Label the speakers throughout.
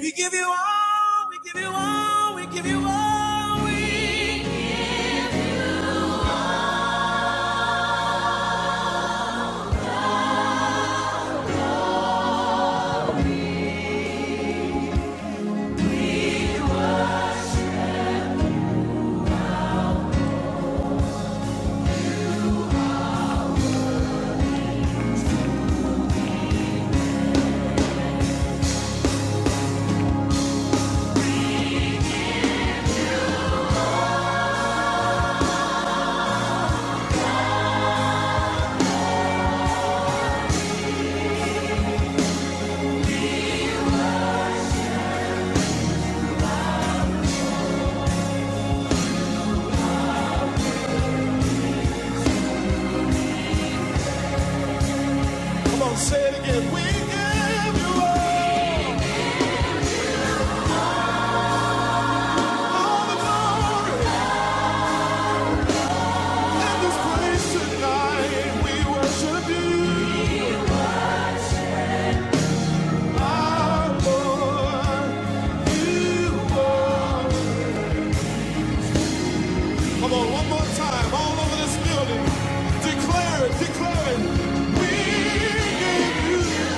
Speaker 1: We give you all, we give you all, we give you all. We... Come on, say it again. We give you all all the glory in this place tonight. We worship you. our Lord. you. are. Come on, one more time, all over this building. Declare it, declare it. We give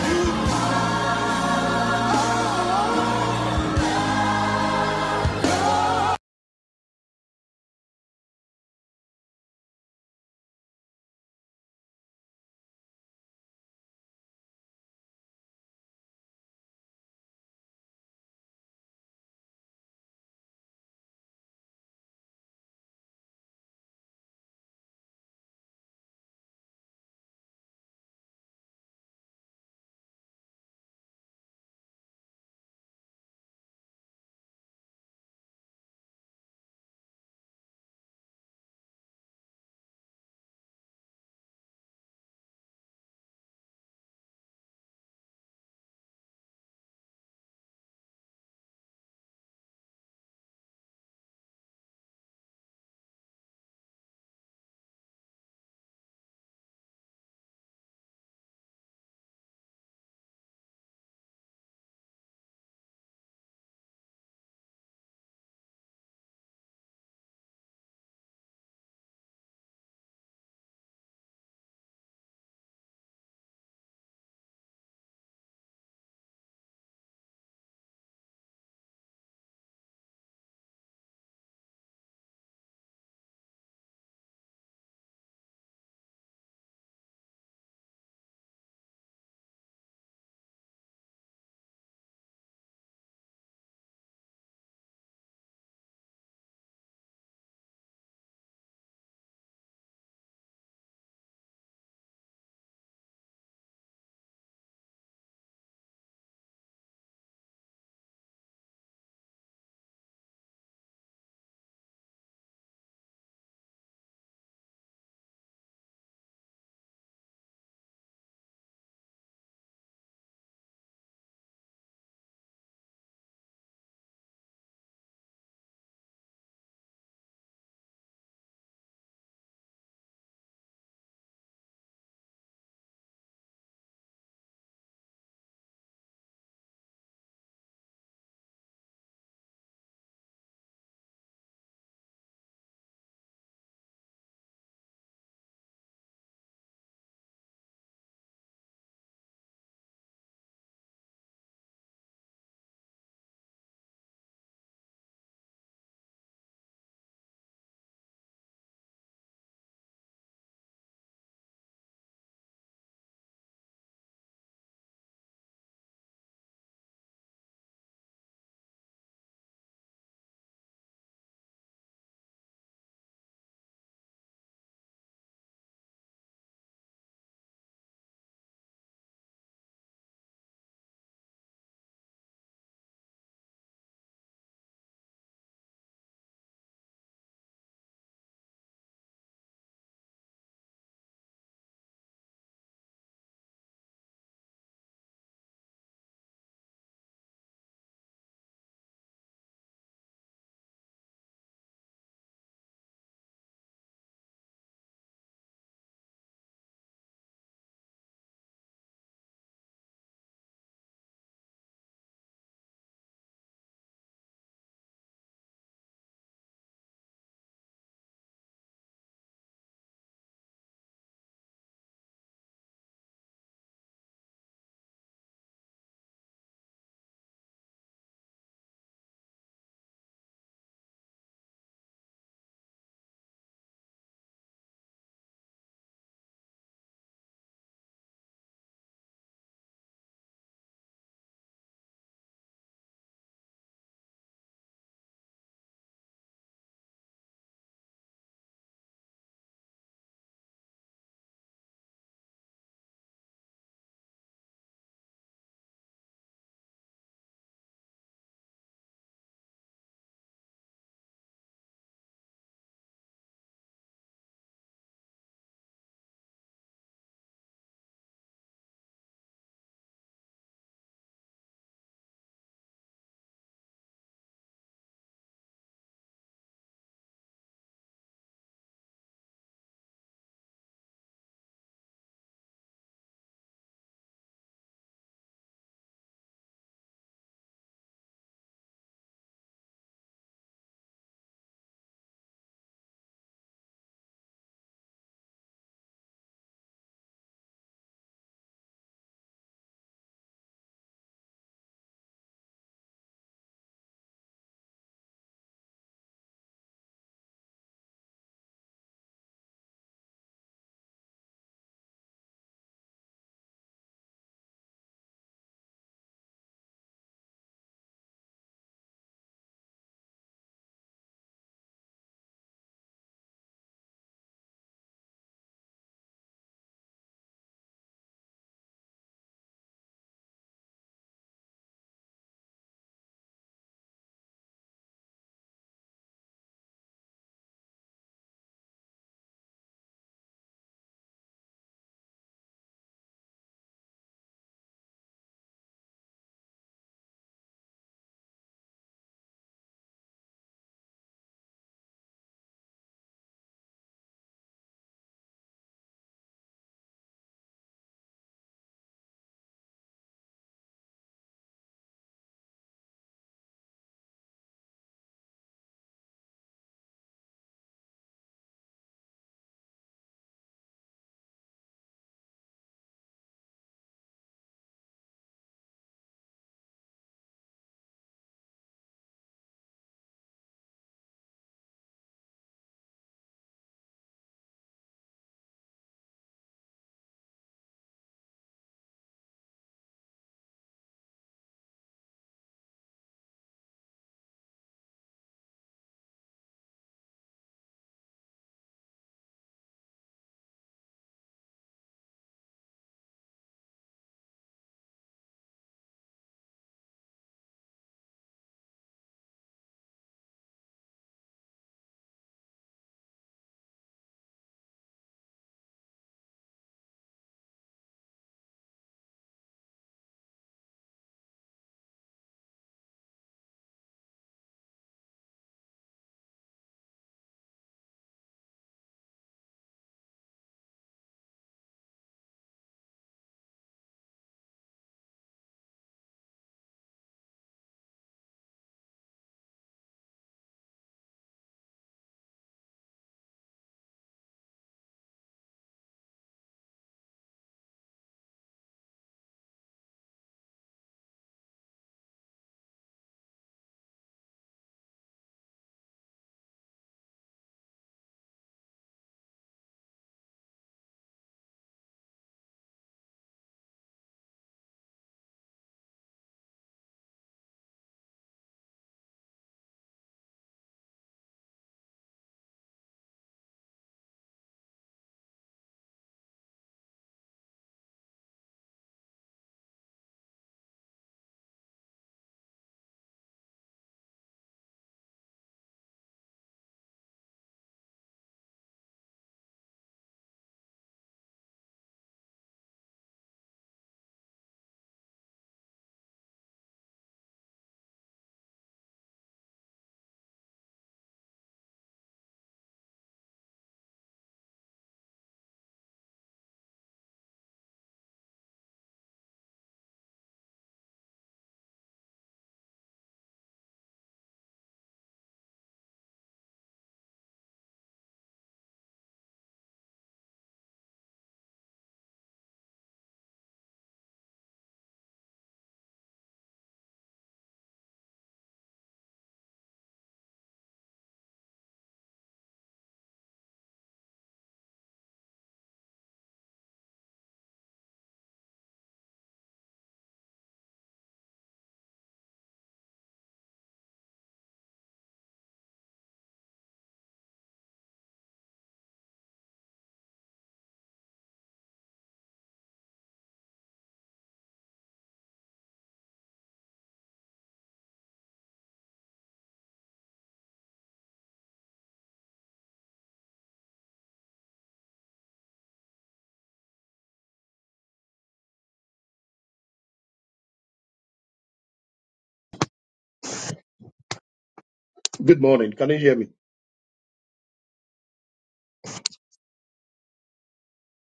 Speaker 1: you. Good morning. Can you hear me?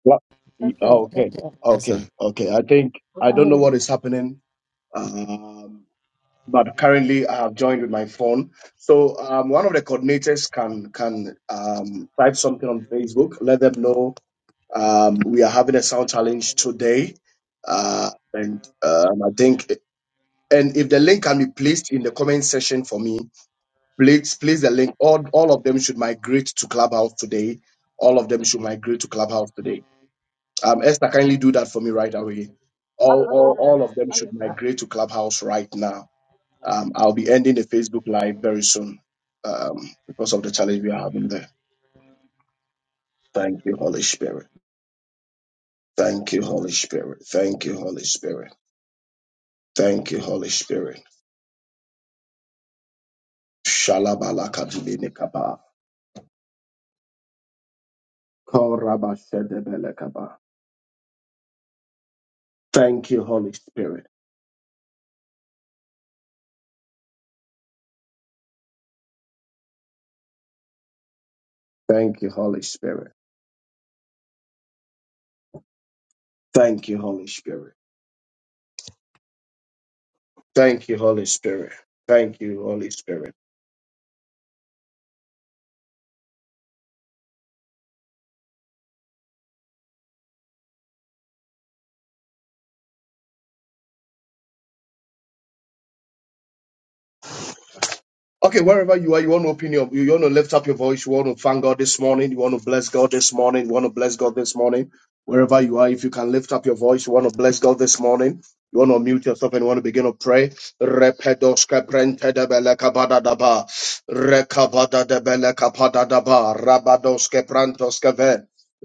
Speaker 1: What?
Speaker 2: That's
Speaker 1: E-
Speaker 2: it.
Speaker 1: oh, okay.
Speaker 2: That's it.
Speaker 3: Yes, sir.
Speaker 1: Okay, okay. I think
Speaker 2: What's
Speaker 1: I
Speaker 2: on
Speaker 1: don't know
Speaker 2: his?
Speaker 1: what is happening. Um. but currently I have joined with my phone. So um, one of the coordinators can can um, type something on Facebook, let them know um, we are having a sound challenge today, uh, and um, I think. And if the link can be placed in the comment section for me, please place the link. All, all of them should migrate to Clubhouse today. All of them should migrate to Clubhouse today. Um, Esther, kindly do that for me right away. All,
Speaker 2: What's
Speaker 1: all, all of them
Speaker 2: on
Speaker 1: should
Speaker 2: his?
Speaker 1: migrate to Clubhouse right now um, I'll be ending the Facebook Live very soon um, because of the challenge we are having there. Thank you, Holy Spirit. Thank you, Holy Spirit. Thank you, Holy Spirit. Thank you, Holy Spirit. Shalabalakadibinikaba. Korabashedebelekaba. Thank you, Holy Spirit. Thank you, Holy Spirit. Thank you, Holy Spirit. Thank you, Holy Spirit. Thank you, Holy Spirit. Okay, wherever you are, you want to open your, you want to lift up your voice, you want to thank God this morning, you want to bless God this morning, you want to bless God this morning. Wherever you are, if you can lift up your voice, you want to bless God this morning. You want to mute yourself and you want to begin to pray. Repedoska prente de bele kabada daba. Rekabada de bele kapada daba. Rabadoske prantoske ve.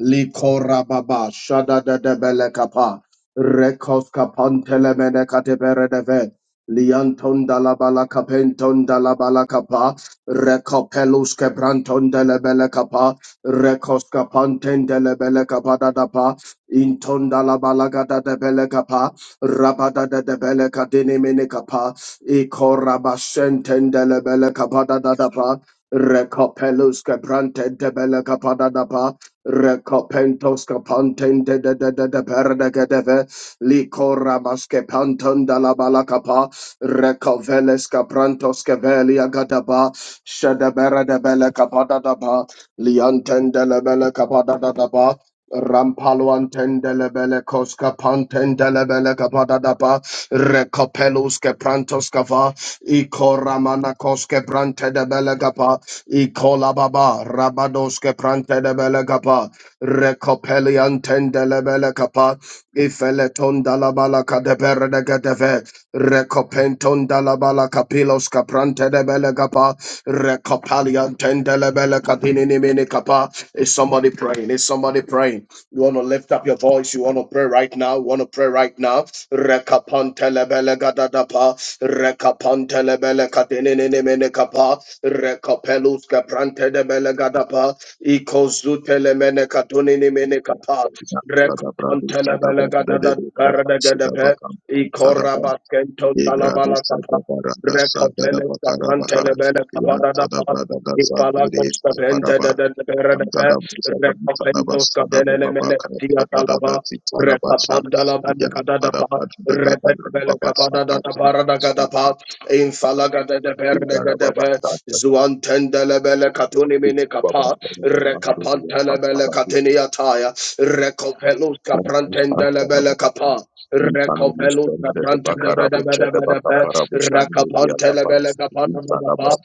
Speaker 1: Liko rababa. Shada de de bele kapa. Rekoska pantele mene katebere de ve. Lianton da la bala capenton da la bala capa, recopelus quebranton de la bella capa, recoscapanten de la bella capa da da pa, inton da la bala gada de bella capa, rabada de de bella cadine mene capa, icorabascenten de la bella capa da da da pa, recopelus quebranten de bella capa da da pa, recopentos capanten de de de de de perde que deve, Likora maske panton da la balakapa. Recoveles Caprantos Cavelia Gadaba, Shadabera de Bella Capada Daba, Liantende la Bella Capada Daba, Rampalo antende la Bella Cosca Pantende la Bella Capada Daba, Recopelus Caprantos Cava, Icoramana Cosca Prante de Bella Capa, Icola Baba, Rabados Caprante de Bella Capa, Recopeliantende la Bella Capa, Ifeleton de la Bala Cadabera de Gadeve, Recopenton dalabala capilos caprante de belegapa. Recopalian tendelebele capinini mini capa. Is somebody praying? Is somebody praying? You want to lift up your voice? You want to pray right now? You want to pray right now? Recapantelebele gadadapa. Recapantelebele catinini mini capa. Recopelus caprante de belegadapa. Icozutele mene catunini mini capa.
Speaker 4: Sadabradu
Speaker 1: Recopantelebele
Speaker 4: Sadaban Dedekara
Speaker 1: gadadapa.
Speaker 4: Sidabakam Sadaban
Speaker 1: Ikoraba kenton
Speaker 4: Egradu
Speaker 1: dalabala kapa.
Speaker 4: Sadabarada
Speaker 1: Rekopele
Speaker 4: Sadabakarabaha
Speaker 1: kaprantele bele
Speaker 4: Yan
Speaker 1: kapara da pa.
Speaker 4: Sadabrada
Speaker 1: Ipala
Speaker 4: Gazandiri
Speaker 1: kosta bente de
Speaker 4: Paraba
Speaker 1: de de bere
Speaker 4: Yan
Speaker 1: de pe.
Speaker 4: Sadabu Sabran Sadaba
Speaker 1: Rekopento skadelele mele
Speaker 4: Sadababaka
Speaker 1: katia
Speaker 4: Sadada
Speaker 1: talaba.
Speaker 4: Sitarabacha
Speaker 1: Rekapanda la bele
Speaker 4: Yan
Speaker 1: kada da pa.
Speaker 4: Sadabad Dadadan
Speaker 1: Repete bele
Speaker 4: Baba
Speaker 1: kapada da da
Speaker 4: Sakara
Speaker 1: para da kada pa. Infala gada de bere de gada
Speaker 4: Ibarababa
Speaker 1: pe.
Speaker 4: Sadaba
Speaker 1: Zuantendele bele katuni mini
Speaker 4: Baba
Speaker 1: kapa.
Speaker 4: Sadaba Sandiri
Speaker 1: Rekapantele bele
Speaker 4: Yapapara
Speaker 1: katini ataya. Rekopelus kaprantendele rebele kapa.
Speaker 4: da da
Speaker 1: Rekopelu
Speaker 4: çada da
Speaker 1: sabranta
Speaker 4: da
Speaker 1: da ba da ba da ba da ba. Rakapante lebele kapa da ba da
Speaker 4: da baka
Speaker 1: ba.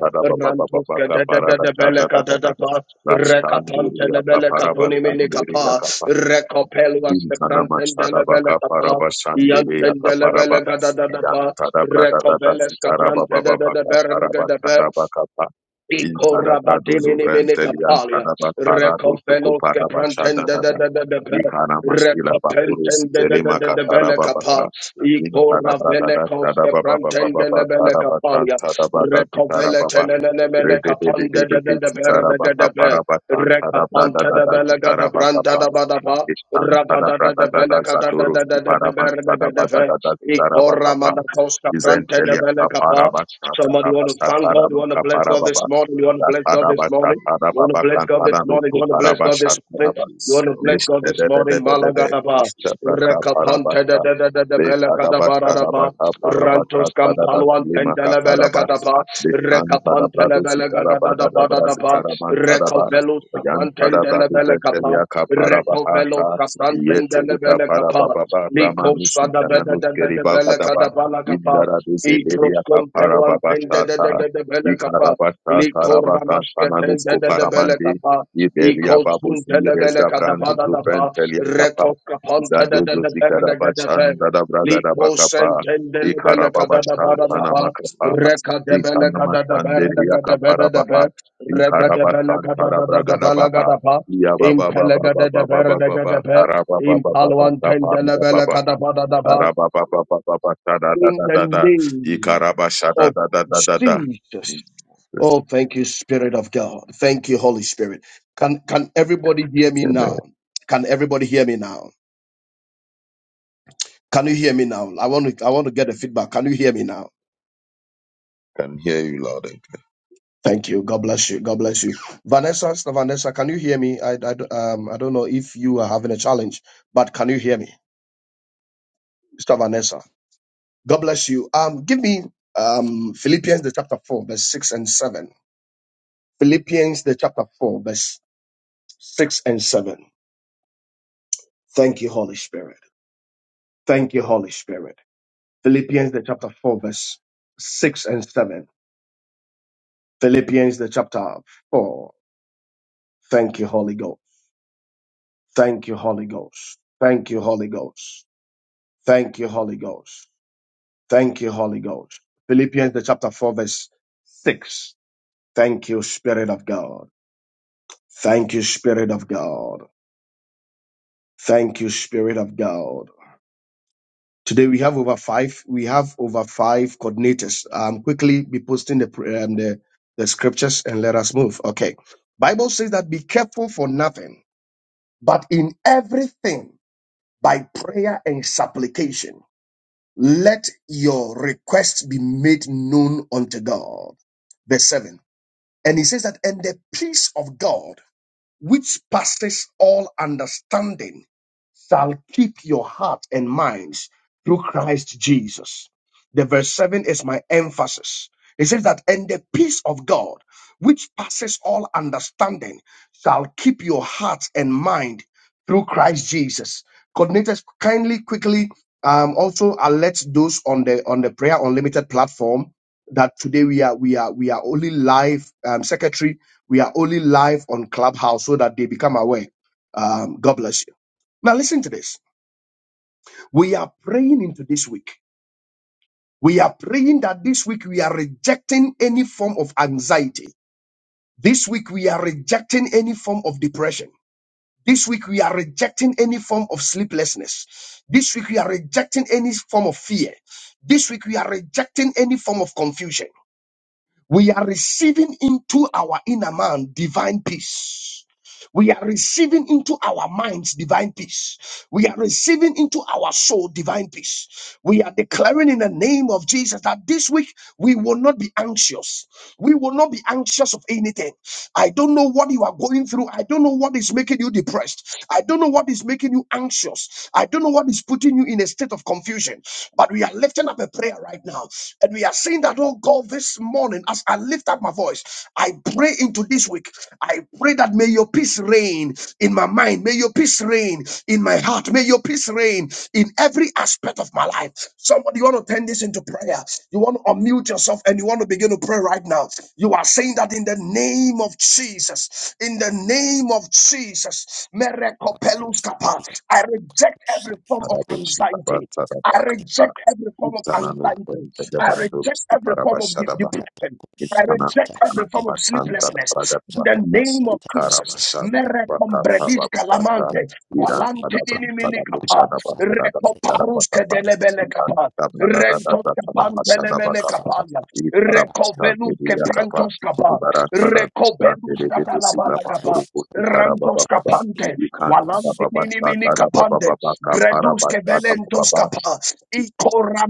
Speaker 4: baka baka
Speaker 1: Rantos ke
Speaker 4: baka
Speaker 1: da da
Speaker 4: para
Speaker 1: da da bele
Speaker 4: para
Speaker 1: ka da
Speaker 4: para
Speaker 1: ba.
Speaker 4: bastan
Speaker 1: Rekapante lebele kaduni mini kapa. Rekopelu sabranta da lebele kapa.
Speaker 4: geliyor ya kapa
Speaker 1: Yantende
Speaker 4: para ba.
Speaker 1: lebele ka da da da
Speaker 4: İda
Speaker 1: ba.
Speaker 4: tada brada da da
Speaker 1: Rekoveles
Speaker 4: sitara
Speaker 1: kabrante
Speaker 4: baba
Speaker 1: de
Speaker 4: baba
Speaker 1: de de
Speaker 4: baka
Speaker 1: bere de
Speaker 4: para
Speaker 1: de
Speaker 4: kapa.
Speaker 1: da
Speaker 4: kapa. kapa. kapa. Thank in tada prado zuvrentelian
Speaker 1: Ikorabatiminimicapalia,
Speaker 4: tada ba parado tuku
Speaker 1: Recofelos
Speaker 4: para ba chada
Speaker 1: Caprantende de
Speaker 4: da
Speaker 1: de
Speaker 4: da
Speaker 1: de de de
Speaker 4: i kana mastila ba puru
Speaker 1: Recopentende de de
Speaker 4: sitele
Speaker 1: de de de
Speaker 4: makatara ba ba
Speaker 1: Belecapa,
Speaker 4: ba in tada brada da
Speaker 1: Ikoravelecos
Speaker 4: tada ba ba ba ba ba
Speaker 1: Caprantende de
Speaker 4: ba
Speaker 1: la
Speaker 4: tada ba chan
Speaker 1: Belecapalia,
Speaker 4: tada ba da di tada ba ba
Speaker 1: Recoveletene de
Speaker 4: re de de de
Speaker 1: Melecapande
Speaker 4: de
Speaker 1: de de
Speaker 4: de de
Speaker 1: de
Speaker 4: ti
Speaker 1: de
Speaker 4: tada ba
Speaker 1: de
Speaker 4: ka
Speaker 1: de de
Speaker 4: para ba chan tada brada
Speaker 1: Rekapanta
Speaker 4: da
Speaker 1: da
Speaker 4: da di
Speaker 1: belega da
Speaker 4: tada ba ka
Speaker 1: branta da badaba,
Speaker 4: Isantara
Speaker 1: rabada da da
Speaker 4: Pradada
Speaker 1: belega da da
Speaker 4: Zadoro
Speaker 1: da da da da
Speaker 4: Siparaman
Speaker 1: belega da fe,
Speaker 4: Sadabada
Speaker 1: ikora
Speaker 4: Zidarabakapa
Speaker 1: manakoska branta da
Speaker 4: Isentelia
Speaker 1: belega pa.
Speaker 4: Kaparabasata
Speaker 1: Somebody want to thank God, you want to
Speaker 4: Abashatarabaka
Speaker 1: bless God this
Speaker 4: Parababas
Speaker 1: morning, you want to bless God this
Speaker 4: Tatarabata
Speaker 1: morning,
Speaker 5: Thank
Speaker 1: you want to bless
Speaker 4: Tarababakan
Speaker 1: God this morning, you
Speaker 4: Taranuku
Speaker 1: want to bless God this morning, you
Speaker 4: Parabashatanabas
Speaker 1: want to bless God
Speaker 4: Nishte
Speaker 1: this morning, malaga da ba,
Speaker 4: Ishtabraka
Speaker 1: rekapanta da
Speaker 4: Parabasta
Speaker 1: da da da da belega da
Speaker 4: Letadabata
Speaker 1: barada ba,
Speaker 4: Dabaka Parabata
Speaker 1: rantos
Speaker 4: Tadada
Speaker 1: kampalwan
Speaker 4: Limaka
Speaker 1: tendela belega
Speaker 4: Tarabas
Speaker 1: ba
Speaker 4: Lisan
Speaker 1: rekapantele
Speaker 4: Tadabrado
Speaker 1: bele gada da da
Speaker 4: Sitarabaga
Speaker 1: ba da da ba
Speaker 4: Dabrazitaraman
Speaker 1: rekovelo
Speaker 4: Yan Padabra
Speaker 1: saprantendele bele kapa
Speaker 4: Velia Kaparabaha
Speaker 1: rekovelo saprantendele
Speaker 4: Yetelika
Speaker 1: bele kapa
Speaker 4: Parababa
Speaker 1: liko
Speaker 4: Ramanus in
Speaker 1: sada bede
Speaker 4: Tananus
Speaker 1: de de de
Speaker 4: Keriba
Speaker 1: bele kada
Speaker 4: Gadaba
Speaker 1: bala kapa
Speaker 4: Indara
Speaker 1: Ibros
Speaker 4: Duzeria
Speaker 1: compelo
Speaker 4: Kaparababa
Speaker 1: antende de de
Speaker 4: Shata
Speaker 1: de de bele kapa
Speaker 4: Ikarabasha
Speaker 1: liko
Speaker 4: Karabasa Tananus
Speaker 1: ramasketende de de bele
Speaker 4: Koparamandi
Speaker 1: kapa iko
Speaker 4: Iberia Babuzi
Speaker 1: zuntele
Speaker 5: you.
Speaker 1: bele kada ba
Speaker 4: Rezabrandu
Speaker 1: da da ba
Speaker 4: Ventelia Kapa
Speaker 1: rekov kapante de de
Speaker 4: Zandozo
Speaker 1: de bere de de de
Speaker 4: Zikarabachan Dadabragadaba Kapa
Speaker 1: sentendele bele kada da ba
Speaker 4: Ikarababashan
Speaker 1: da ba in
Speaker 4: Tanamakapa
Speaker 1: the
Speaker 4: Ikanamashanderia Ikarabasantarabrakadabaha. Iyababababababababa. Karabababababababa. Karabababababababadadadadada.
Speaker 1: name of
Speaker 4: Ikarabashadadadadadada.
Speaker 1: Jesus.
Speaker 4: In Jesus'
Speaker 1: Oh, thank you, Spirit of God. Thank you, Holy Spirit. Can can everybody hear me
Speaker 4: name, Amen.
Speaker 1: now? Can everybody hear me now? Can you hear me now? I want to I want to get a feedback. Can you hear me now?
Speaker 4: Can hear you loud and clear.
Speaker 1: Thank you. God bless you. God bless you. Vanessa, Sister Vanessa, can you hear me? I, I, um, I don't know if you are having a challenge, but can you hear me? Sister Vanessa, God bless you. Um, give me um, Philippians, the chapter 4, verse 6 and 7. Philippians, the chapter 4, verse 6 and 7. Thank you, Holy Spirit. Thank you, Holy Spirit. Philippians, the chapter 4, verse 6 and 7. Philippians, the chapter 4. Thank you, Holy Ghost. Thank you, Holy Ghost. Thank you, Holy Ghost. Thank you, Holy Ghost. Thank you, Holy Ghost. Philippians the chapter 4, verse 6. Thank you, Spirit of God. Thank you, Spirit of God. Thank you, Spirit of God. Today we have over five. We have over five coordinators. Um, quickly be posting the pr- um, the the scriptures and let us move. Okay, Bible says that be careful for nothing, but in everything by prayer and supplication let your requests be made known unto God. verse 7. And he says that, and the peace of God, which passes all understanding, shall keep your heart and minds through Christ Jesus. The verse 7 is my emphasis. It says that, and the peace of God, which passes all understanding, shall keep your heart and mind through Christ Jesus. Coordinators, kindly, quickly, um, also alert those on the on the Prayer Unlimited platform that today we are we are we are only live. Um, secretary, we are only live on Clubhouse so that they become aware. Um, God bless you. Now, listen to this. We are praying into this week. We are praying that this week we are rejecting any form of anxiety. This week we are rejecting any form of depression. This week we are rejecting any form of sleeplessness. This week we are rejecting any form of fear. This week we are rejecting any form of confusion. We are receiving into our inner man divine peace. We are receiving into our minds divine peace. We are receiving into our soul divine peace. We are declaring in the name of Jesus that this week we will not be anxious. We will not be anxious of anything. I don't know what you are going through. I don't know what is making you depressed. I don't know what is making you anxious. I don't know what is putting you in a state of confusion. But we are lifting up a prayer right now. And we are saying that, oh God, this morning, as I lift up my voice, I pray into this week. I pray that may your peace reign in my mind. May your peace reign in my heart. May your peace reign in every aspect of my life. Somebody, you want to turn this into prayer. You want to unmute yourself and you want to begin to pray right now. You are saying that in the name of Jesus, in the name of Jesus,
Speaker 3: Akos-
Speaker 1: Merekopeluskapa.
Speaker 3: ya-
Speaker 1: I reject
Speaker 3: akos-
Speaker 1: every
Speaker 3: ya- ya- ya- shada- yate-
Speaker 1: form of
Speaker 3: ba- yate-
Speaker 1: anxiety.
Speaker 3: akos-
Speaker 1: I
Speaker 3: yate- i-
Speaker 4: Karabushitabantarabakapa.
Speaker 1: reject every form of anxiety. I reject every form of de-
Speaker 4: Utsananupendegabandupsiparabashadabakapa.
Speaker 1: depression. I
Speaker 4: Kana
Speaker 1: reject
Speaker 4: kana
Speaker 1: every form of
Speaker 3: pa-
Speaker 4: basanta
Speaker 3: i-
Speaker 1: sleeplessness.
Speaker 4: pragat
Speaker 1: In the
Speaker 4: bata
Speaker 3: shada- ba-
Speaker 1: name of
Speaker 3: yate-
Speaker 4: ikara
Speaker 1: Jesus.
Speaker 3: i-
Speaker 4: basanta
Speaker 3: yate-
Speaker 4: bata
Speaker 3: akos-
Speaker 4: bata
Speaker 3: yate-
Speaker 1: Merekombrediska
Speaker 3: bram-
Speaker 4: bata
Speaker 1: lamante.
Speaker 3: yate-
Speaker 4: iya
Speaker 3: i-
Speaker 1: Walante
Speaker 4: pada
Speaker 3: pa- ti-
Speaker 4: pada
Speaker 1: iniminikapa.
Speaker 4: pucara
Speaker 3: akos-
Speaker 4: bata pada
Speaker 3: yate-
Speaker 4: secara bata
Speaker 1: Rekoparuske
Speaker 4: pan iya
Speaker 1: delebelekapa.
Speaker 4: pada pada pada
Speaker 1: Rento
Speaker 4: pada basanta bata pan
Speaker 1: kapantelemenekapa.
Speaker 4: ikara basanta
Speaker 1: Recovelus que
Speaker 4: dia kapa
Speaker 1: prantos capa,
Speaker 4: ibarat pada basanta
Speaker 1: recovelus
Speaker 4: dia
Speaker 3: la-
Speaker 4: dia
Speaker 3: yate-
Speaker 4: sila
Speaker 1: cabalabala
Speaker 3: yate-
Speaker 1: capa,
Speaker 4: pakuru kursi kara baba
Speaker 1: rantos
Speaker 3: i-
Speaker 4: baba
Speaker 1: capante,
Speaker 3: pa-
Speaker 4: ikan
Speaker 3: la-
Speaker 4: pada
Speaker 3: so-
Speaker 1: walante
Speaker 4: baba
Speaker 1: nini
Speaker 3: yate-
Speaker 1: mini
Speaker 3: yate.
Speaker 4: tada baba
Speaker 1: capande,
Speaker 4: baba kapara
Speaker 1: gredus que
Speaker 4: bata baba
Speaker 1: velentos
Speaker 4: baba
Speaker 1: capa, y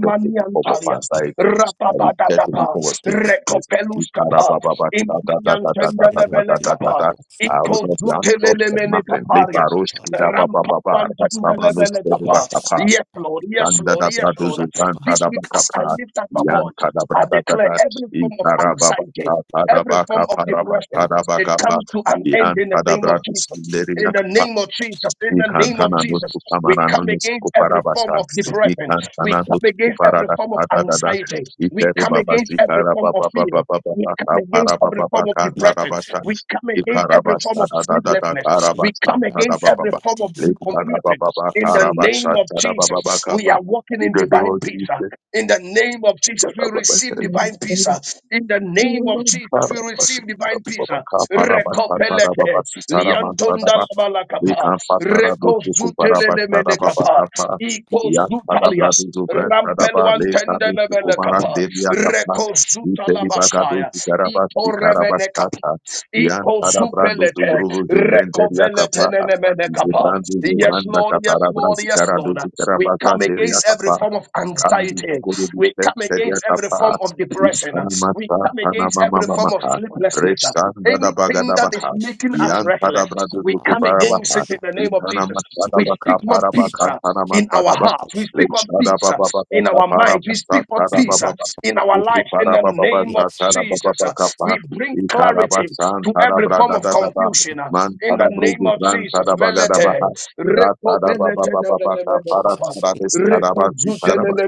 Speaker 4: get every form of anxiety. I
Speaker 1: rapabata
Speaker 4: reject every
Speaker 1: capa,
Speaker 4: form of sleeplessness.
Speaker 1: recovelus capa, imperiantendele bele capa,
Speaker 4: Ikarabababa-ta-ta-ta-ta-ta-ta-ta-ta-ta-ta. I will not be outsourced for nothing.
Speaker 1: Ikozutelelemekaparias.
Speaker 4: Lebaroshkidabababa.
Speaker 1: Rampapantandelemelekapa.
Speaker 4: Rastamanuskedebakapa.
Speaker 1: Yes, Lord. Yes, Lord. Yes, Lord. This week, as
Speaker 4: Ikandadabradozubrantadabakapa.
Speaker 1: I lift up my voice, I declare
Speaker 4: Yantadabradadada.
Speaker 1: every form of anxiety, every form of depression,
Speaker 3: Yes,
Speaker 1: it comes
Speaker 4: Ikarabababa-ta-ta-ta-ta-ta-ta-ta-ta-ta-ta.
Speaker 1: to an end in the name of Jesus. In the
Speaker 4: Yantadabradoskinderiakapa.
Speaker 1: name of Jesus, in the name of
Speaker 4: Ikantana no
Speaker 1: Jesus, we
Speaker 4: Kutamara no
Speaker 1: come against every form
Speaker 4: Skuparabasa,
Speaker 1: of depression. We
Speaker 4: Ikantana no
Speaker 1: come against every
Speaker 4: kuparada
Speaker 1: form of
Speaker 4: da da
Speaker 1: anxiety. We
Speaker 4: Iferi
Speaker 1: come
Speaker 4: Baba
Speaker 1: against every
Speaker 4: Zikara
Speaker 1: form of
Speaker 4: Baba Baba
Speaker 1: fear.
Speaker 4: Baba
Speaker 1: We come
Speaker 4: Baba
Speaker 1: against
Speaker 4: Paraba
Speaker 1: every
Speaker 4: Baba
Speaker 1: form of depression.
Speaker 4: Kantarabasa,
Speaker 1: We come against every form
Speaker 4: Ikarabasa
Speaker 1: of
Speaker 4: da. da da da
Speaker 1: sleeplessness. We
Speaker 4: Karabasa
Speaker 1: come
Speaker 4: da da
Speaker 1: against every
Speaker 4: Baba,
Speaker 1: form of
Speaker 4: Likana
Speaker 1: confusion.
Speaker 4: Baba baba
Speaker 1: In the name
Speaker 4: Karabasa
Speaker 1: of
Speaker 4: da da Baba
Speaker 1: Jesus, we
Speaker 4: Baba,
Speaker 1: are walking in divine
Speaker 4: Ido
Speaker 1: peace. ah.
Speaker 4: Jesus,
Speaker 1: In the name of Jesus, we
Speaker 4: Baba Baba
Speaker 1: receive divine peace. ah. In the name of Jesus, we
Speaker 4: Karabasa
Speaker 1: receive
Speaker 4: Baba
Speaker 1: divine peace.
Speaker 4: baba
Speaker 1: ah.
Speaker 4: Karabasa da da Baba
Speaker 1: Recopelete,
Speaker 4: Sitara mantara baba.
Speaker 1: liantondalabalakapa,
Speaker 4: Ikampatarado
Speaker 1: Zutelemene kapa.
Speaker 4: sukuparabatarababakapa.
Speaker 1: Iko
Speaker 4: Yantadabrado
Speaker 1: zutalias.
Speaker 4: zubrantadaba
Speaker 1: Rampeluan
Speaker 4: lekado
Speaker 1: tendelebele kapa.
Speaker 4: sukumarandeliakapa.
Speaker 1: Reko
Speaker 4: Ipelibagado
Speaker 1: zutalabasaya. Iko remene kapa.
Speaker 4: zigarabasikarabasata.
Speaker 1: Iko
Speaker 4: Yantadabrando
Speaker 1: zupelete.
Speaker 4: zugrubu
Speaker 1: Reko
Speaker 4: zibrendeliakapa.
Speaker 1: veletenemene kapa.
Speaker 4: Zibrando
Speaker 1: Yes, Lord, yes,
Speaker 4: zubrandakatarabra
Speaker 1: Lord, yes,
Speaker 4: zigarado
Speaker 1: Lord. We come against every
Speaker 4: zigarabazandeliakapa.
Speaker 1: form of
Speaker 4: Randu
Speaker 1: anxiety.
Speaker 4: Gurubu
Speaker 1: We come against every form
Speaker 4: Steryatapa,
Speaker 1: of depression. Yes, We
Speaker 4: Intanamasa,
Speaker 1: come against every form of
Speaker 4: Panamamamaha,
Speaker 1: sleeplessness. uh,
Speaker 4: Reshanda da
Speaker 1: Anything that is
Speaker 4: Bagadabaha,
Speaker 1: making us
Speaker 4: Yantada
Speaker 1: restless,
Speaker 4: Bradu
Speaker 1: we come against it
Speaker 4: Tukuparabaha,
Speaker 1: in the name of Jesus.
Speaker 4: Intanamasa da
Speaker 1: We
Speaker 3: Black
Speaker 1: speak
Speaker 4: Baka
Speaker 1: what
Speaker 3: coach,
Speaker 1: peace
Speaker 4: Parabaka,
Speaker 1: uh, in
Speaker 4: Panamasa
Speaker 1: our
Speaker 4: da
Speaker 3: black
Speaker 4: Baka,
Speaker 1: hearts. We
Speaker 3: coach,
Speaker 1: speak what
Speaker 4: Leshada
Speaker 1: peace uh,
Speaker 4: Baba
Speaker 1: in
Speaker 4: Baba
Speaker 1: our minds. We
Speaker 4: Parabasta,
Speaker 1: speak what peace
Speaker 3: we
Speaker 1: uh,
Speaker 4: Tarababa,
Speaker 1: in our
Speaker 3: think
Speaker 1: lives in
Speaker 3: of
Speaker 1: the
Speaker 4: Uparababa,
Speaker 1: name of
Speaker 3: yes, we of
Speaker 1: Jesus.
Speaker 4: Tarababa
Speaker 1: uh.
Speaker 4: Kapa,
Speaker 1: We bring clarity
Speaker 4: Inkarabasan,
Speaker 1: to every form
Speaker 4: Tarabrada
Speaker 1: of
Speaker 4: da
Speaker 1: confusion uh,
Speaker 4: Man
Speaker 1: in the name
Speaker 4: Tarabrudu,
Speaker 1: of
Speaker 4: Ran
Speaker 1: Jesus. Melete,
Speaker 4: Tarabagadabaha,
Speaker 1: reko
Speaker 4: Ratada Baba
Speaker 1: belete, ne-
Speaker 4: Baba
Speaker 1: ne- ne-
Speaker 4: Baka,
Speaker 1: kapa.
Speaker 3: Jesus, we
Speaker 4: Paratarabis,
Speaker 1: Reko zute,
Speaker 3: shut
Speaker 4: Tarabas,
Speaker 1: ne-
Speaker 3: up,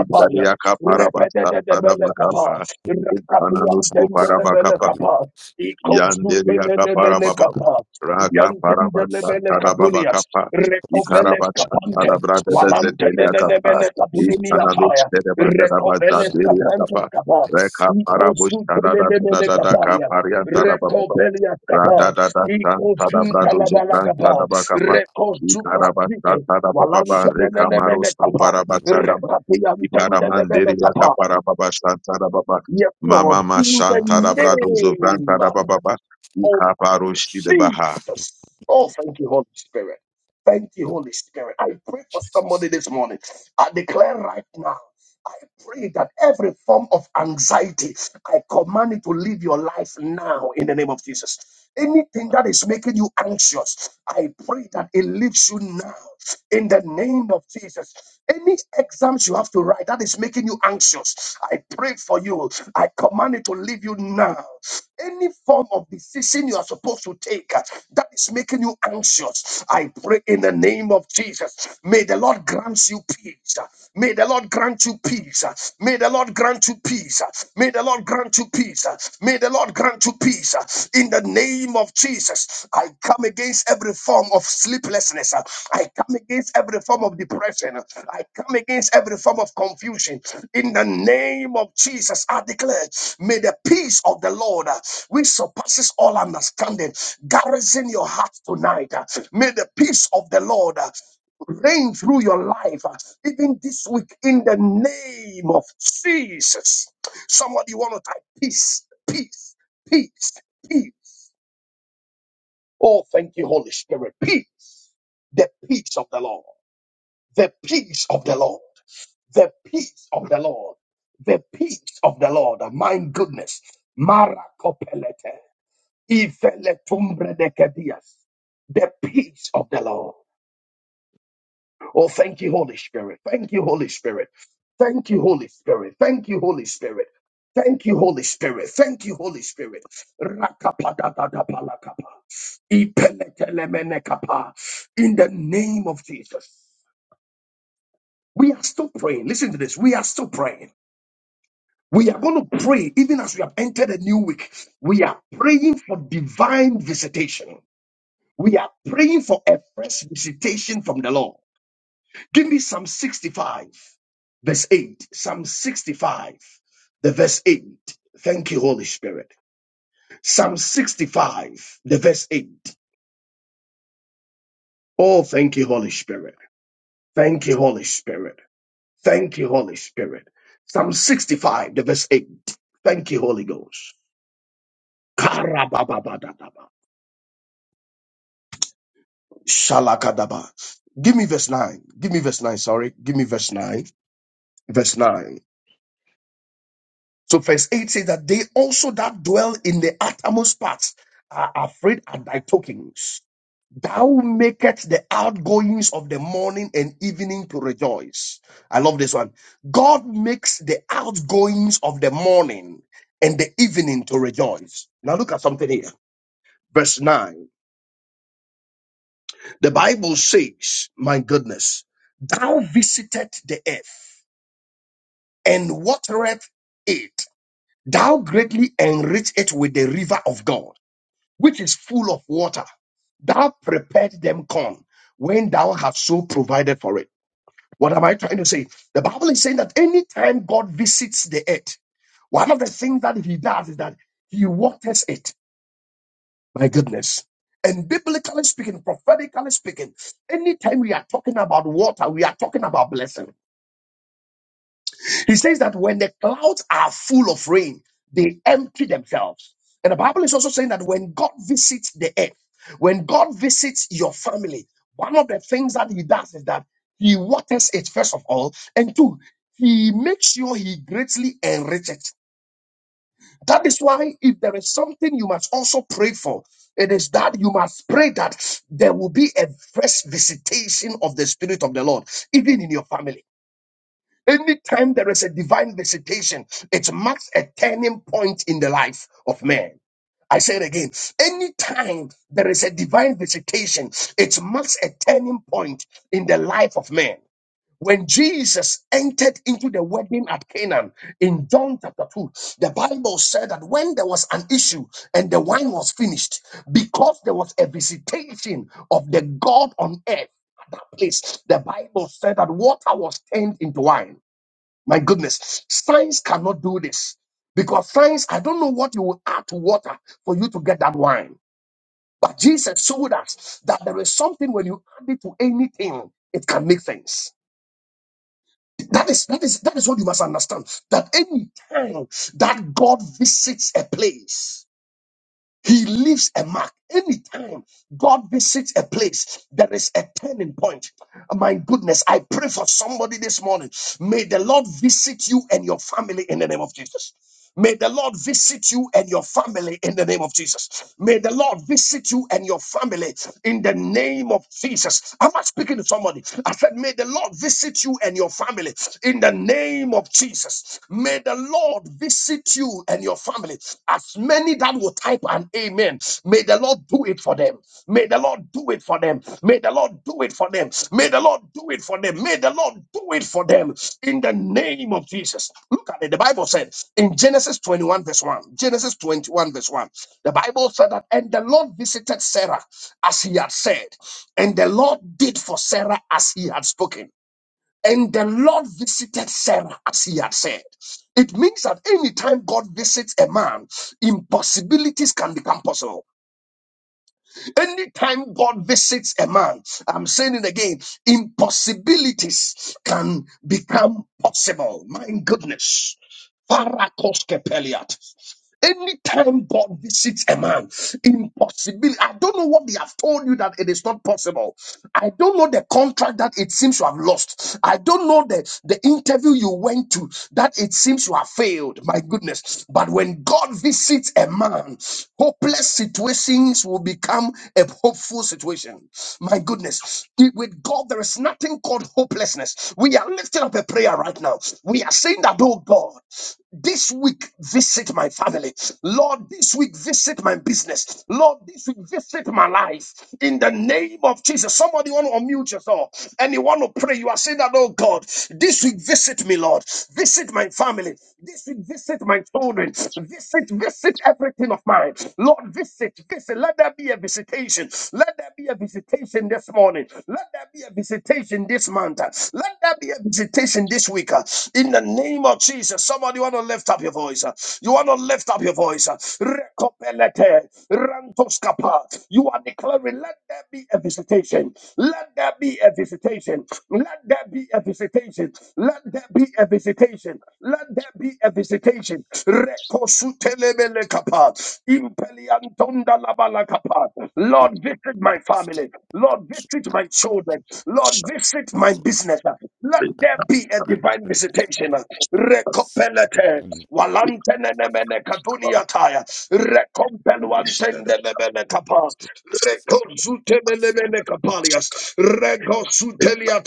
Speaker 3: that's not
Speaker 1: Repete,
Speaker 4: parabasta
Speaker 1: de- kapa.
Speaker 4: tarabakapa.
Speaker 3: the
Speaker 4: Itananusku
Speaker 3: bus, we
Speaker 1: Rakabiyantendelebele
Speaker 3: are
Speaker 4: parabakapa.
Speaker 3: the
Speaker 1: kapa.
Speaker 3: others, we are the
Speaker 4: Yanderiaka
Speaker 1: Ikozutelelebele
Speaker 3: others,
Speaker 4: parababa.
Speaker 3: and
Speaker 1: kapa.
Speaker 3: the
Speaker 4: Raka
Speaker 3: others,
Speaker 4: parabasta
Speaker 3: shut
Speaker 1: Yantendelebele
Speaker 3: up, at the
Speaker 1: kapunias.
Speaker 4: tarababakapa.
Speaker 3: others, shut
Speaker 1: Rekoveles
Speaker 3: up, at
Speaker 4: Ikarabachan
Speaker 1: kapante.
Speaker 3: the
Speaker 4: tarabrada
Speaker 3: others, we are the
Speaker 1: Walantenenenebele
Speaker 4: dezeteliakapa.
Speaker 3: others, shut the
Speaker 1: kapunimiyataya.
Speaker 4: Itananus
Speaker 3: others, we
Speaker 4: terebagadabaza
Speaker 1: Rekoveles
Speaker 3: shut the others,
Speaker 1: kapantes
Speaker 4: deriakapa.
Speaker 3: we
Speaker 1: kapa.
Speaker 4: Reka
Speaker 3: accept the others,
Speaker 4: parabush
Speaker 1: Ikozutelelebele
Speaker 3: but
Speaker 4: taradadadadaka
Speaker 1: kapalias.
Speaker 4: pariantarababa.
Speaker 1: Rekopelias
Speaker 3: the
Speaker 1: kapa.
Speaker 4: Rada
Speaker 3: others,
Speaker 4: da da
Speaker 3: we
Speaker 4: da Tada
Speaker 3: cut the
Speaker 4: brado
Speaker 3: others,
Speaker 1: Ikozuntalabala
Speaker 4: zebran
Speaker 1: kapa.
Speaker 4: tada bakapa ikaraba
Speaker 1: Rekozuprazite.
Speaker 4: tada baba
Speaker 3: shut
Speaker 4: reka
Speaker 1: Walantenenenebele
Speaker 4: maros
Speaker 1: kapa.
Speaker 4: kupara
Speaker 3: the
Speaker 4: batada ba ikaraman
Speaker 1: Rekapiyantendelebele
Speaker 4: deri
Speaker 1: kapa.
Speaker 4: yakapara baba tada baba
Speaker 1: Yes, Lord,
Speaker 4: mama
Speaker 3: others,
Speaker 4: ma
Speaker 1: in
Speaker 3: shut
Speaker 1: the
Speaker 3: up,
Speaker 4: tada
Speaker 3: we are the shut
Speaker 4: brado zebran
Speaker 1: name
Speaker 4: tada baba ba
Speaker 1: of
Speaker 4: kupara da baba
Speaker 3: up,
Speaker 1: Jesus.
Speaker 3: we
Speaker 1: Oh,
Speaker 3: are
Speaker 1: thank you, Holy Spirit. Thank you,
Speaker 3: the
Speaker 1: Holy Spirit. I pray for
Speaker 3: Jesus.
Speaker 1: somebody this morning. I declare right now. I pray that every form of anxiety, I command it to leave your life now in the name of Jesus. Anything that is making you anxious, I pray that it leaves you now in the name of Jesus. Any exams you have to write that is making you anxious, I pray for you. I command it to leave you now. Any form of decision you are supposed to take uh, that is making you anxious, I pray in the name of Jesus. May the Lord grant you peace peace. May the Lord grant you peace. May the Lord grant you peace. May the Lord grant you peace. May the Lord grant you peace. In the name of Jesus, I come against every form of sleeplessness. I come against every form of depression. I come against every form of confusion. In the name of Jesus, I declare, may the peace of the Lord, uh, which surpasses all understanding, garrison your heart tonight. Uh, May the peace of the Lord, uh, reign through your life, uh, even this week, in the name of Jesus. Somebody want to type peace, peace, peace, peace. Oh, thank you, Holy Spirit. Peace, the peace of the Lord, the peace of the Lord, the peace of the Lord, the peace of the Lord. Uh, My goodness, Maracopelete, Iveletumbredekedias, the peace of the Lord. Oh, thank you, Holy Spirit. Thank you, Holy Spirit. Thank you, Holy Spirit. Thank you, Holy Spirit. Thank you, Holy Spirit. Thank you, Holy Spirit. Rakapadadadapalakapa. Ipelekelemenekapa. In the name of Jesus. We are still praying. Listen to this. We are still praying. We are going to pray even as we have entered a new week. We are praying for divine visitation. We are praying for a fresh visitation from the Lord. Give me Psalm 65, verse 8. Psalm 65, the verse 8. Thank you, Holy Spirit. Psalm 65, the verse 8. Oh, thank you, Holy Spirit. Thank you, Holy Spirit. Thank you, Holy Spirit. Psalm 65, the verse 8. Thank you, Holy Ghost. Karabababababa. Shalakadaba. Give me verse 9. Give me verse 9. Sorry. Give me verse 9. Verse 9. So verse 8 says that they also that dwell in the uttermost parts are afraid at thy tokens. Thou makest the outgoings of the morning and evening to rejoice. I love this one. God makes the outgoings of the morning and the evening to rejoice. Now look at something here. Verse 9. The Bible says, My goodness, thou visited the earth and watereth it. Thou greatly enrich it with the river of God. which is full of water. Thou prepared them corn when thou hast so provided for it. What am I trying to say? The Bible is saying that anytime God visits the earth, one of the things that he does is that he waters it. My goodness. And biblically speaking, prophetically speaking, anytime we are talking about water, we are talking about blessing. He says that when the clouds are full of rain, they empty themselves. And the Bible is also saying that when God visits the earth, when God visits your family, one of the things that He does is that He waters it, first of all, and two, He makes sure He greatly enriches it. That is why, if there is something you must also pray for, it is that you must pray that there will be a fresh visitation of the Spirit of the Lord, even in your family. Anytime there is a divine visitation, it marks a turning point in the life of man. I say it again. Anytime there is a divine visitation, it marks a turning point in the life of man. When Jesus entered into the wedding at Canaan in John chapter 2, the Bible said that when there was an issue and the wine was finished, because there was a visitation of the God on earth at that place, the Bible said that water was turned into wine. My goodness, science cannot do this because science, I don't know what you will add to water for you to get that wine. But Jesus showed us that there is something when you add it to anything, it can make things. That is that is that is what you must understand. That any time that God visits a place, he leaves a mark. Anytime God visits a place, there is a turning point. My goodness, I pray for somebody this morning. May the Lord visit you and your family in the name of Jesus. May the Lord visit you and your family in the name of Jesus. May the Lord visit you and your family in the name of Jesus. I'm not speaking to somebody. I said, May the Lord visit you and your family in the name of Jesus. May the the Lord visit you and your family. As many that will type an amen, may the Lord do it for them. May the Lord do it for them. May the Lord do it for them. May the Lord do it for them. May the Lord do it for them in the name of Jesus. Look at it. The Bible said in Genesis 21, verse 1. Genesis 21, verse 1. The Bible said that, and the Lord visited Sarah as he had said, and the Lord did for Sarah as he had spoken. And the Lord visited Sarah as he had said. It means that anytime God visits a man, impossibilities can become possible. Anytime God visits a man, I'm saying it again, impossibilities can become possible. My goodness. Farakos kepeliat. Anytime God visits a man, impossibility. I don't know what they have told you that it is not possible. I don't know the contract that it seems you have lost. I don't know the, the interview you went to that it seems you have failed. My goodness. But when God visits a man, hopeless situations will become a hopeful situation. My goodness. With God, there is nothing called hope hopelessness. We are lifting up a prayer right now. We are saying that, oh God, this week visit my family. Lord, this week visit my business. Lord, this week visit my life. In the name of Jesus. Somebody want to unmute yourself and you want to pray. You are saying that, oh God, this week visit me, Lord. Visit my family. This week visit my children. Visit, visit everything of mine. Lord, Lord, visit, visit. Let there be a visitation. Let there be a visitation this morning. Let there be a visitation this month. Let there be a visitation this week. In the name of Jesus, somebody want to lift up your voice. You want to lift up your voice. Rekopelete, rantoskapa. You are declaring, let there be a visitation. Let there be a visitation. Let there be a visitation. Let. Let there be a visitation. Let there be a visitation. Rekosutelebele kapa. Impeliantonda labala kapa.
Speaker 3: We
Speaker 1: Lord,
Speaker 3: must
Speaker 1: visit my family. Lord,
Speaker 3: keep
Speaker 1: visit
Speaker 3: that
Speaker 1: my children. Lord, visit my
Speaker 3: buckle
Speaker 1: business. Let
Speaker 3: on our
Speaker 1: there be a
Speaker 3: pride,
Speaker 1: divine
Speaker 3: praise,
Speaker 1: visitation.
Speaker 3: and sin,
Speaker 1: Rekopelete.
Speaker 3: and
Speaker 1: Walantenemene kadunia taya. Rekompeluantendelebele kapa.
Speaker 3: we ask
Speaker 1: Rekosutelebele
Speaker 3: of
Speaker 1: kapalias. Rekosutelia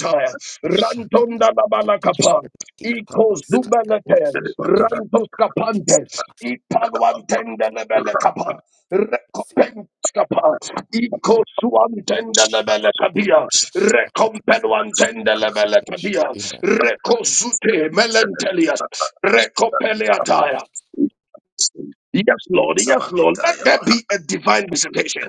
Speaker 3: the Shaka that
Speaker 1: Rantonda
Speaker 3: will
Speaker 1: la
Speaker 3: be at
Speaker 1: balakapa,
Speaker 3: and the deep of
Speaker 1: iko
Speaker 3: the sky at
Speaker 1: zubelete,
Speaker 3: You know, those
Speaker 1: rantos
Speaker 3: two
Speaker 1: kapantes,
Speaker 3: paths,
Speaker 1: ipalwantende lebele kapa,
Speaker 3: you see,
Speaker 1: recompense kapa, iko suantende lebele kabia,
Speaker 3: Jesus. I pray for fucking
Speaker 1: recompenwantende lebele
Speaker 3: crucifixion
Speaker 1: kabia,
Speaker 3: in the name
Speaker 1: recozute melentelias, recopeleataya. Yes, Lord, yes, Lord, let there
Speaker 4: Ikarabatatadababa, rekamaroskoparabatagadaba. Ikaramanderiakaparababashantadababa. Mamamashantadabradozobrantadabababa. Ikaparoshtidebaha. Rekadadadabakitariyabaha.
Speaker 1: be a divine visitation.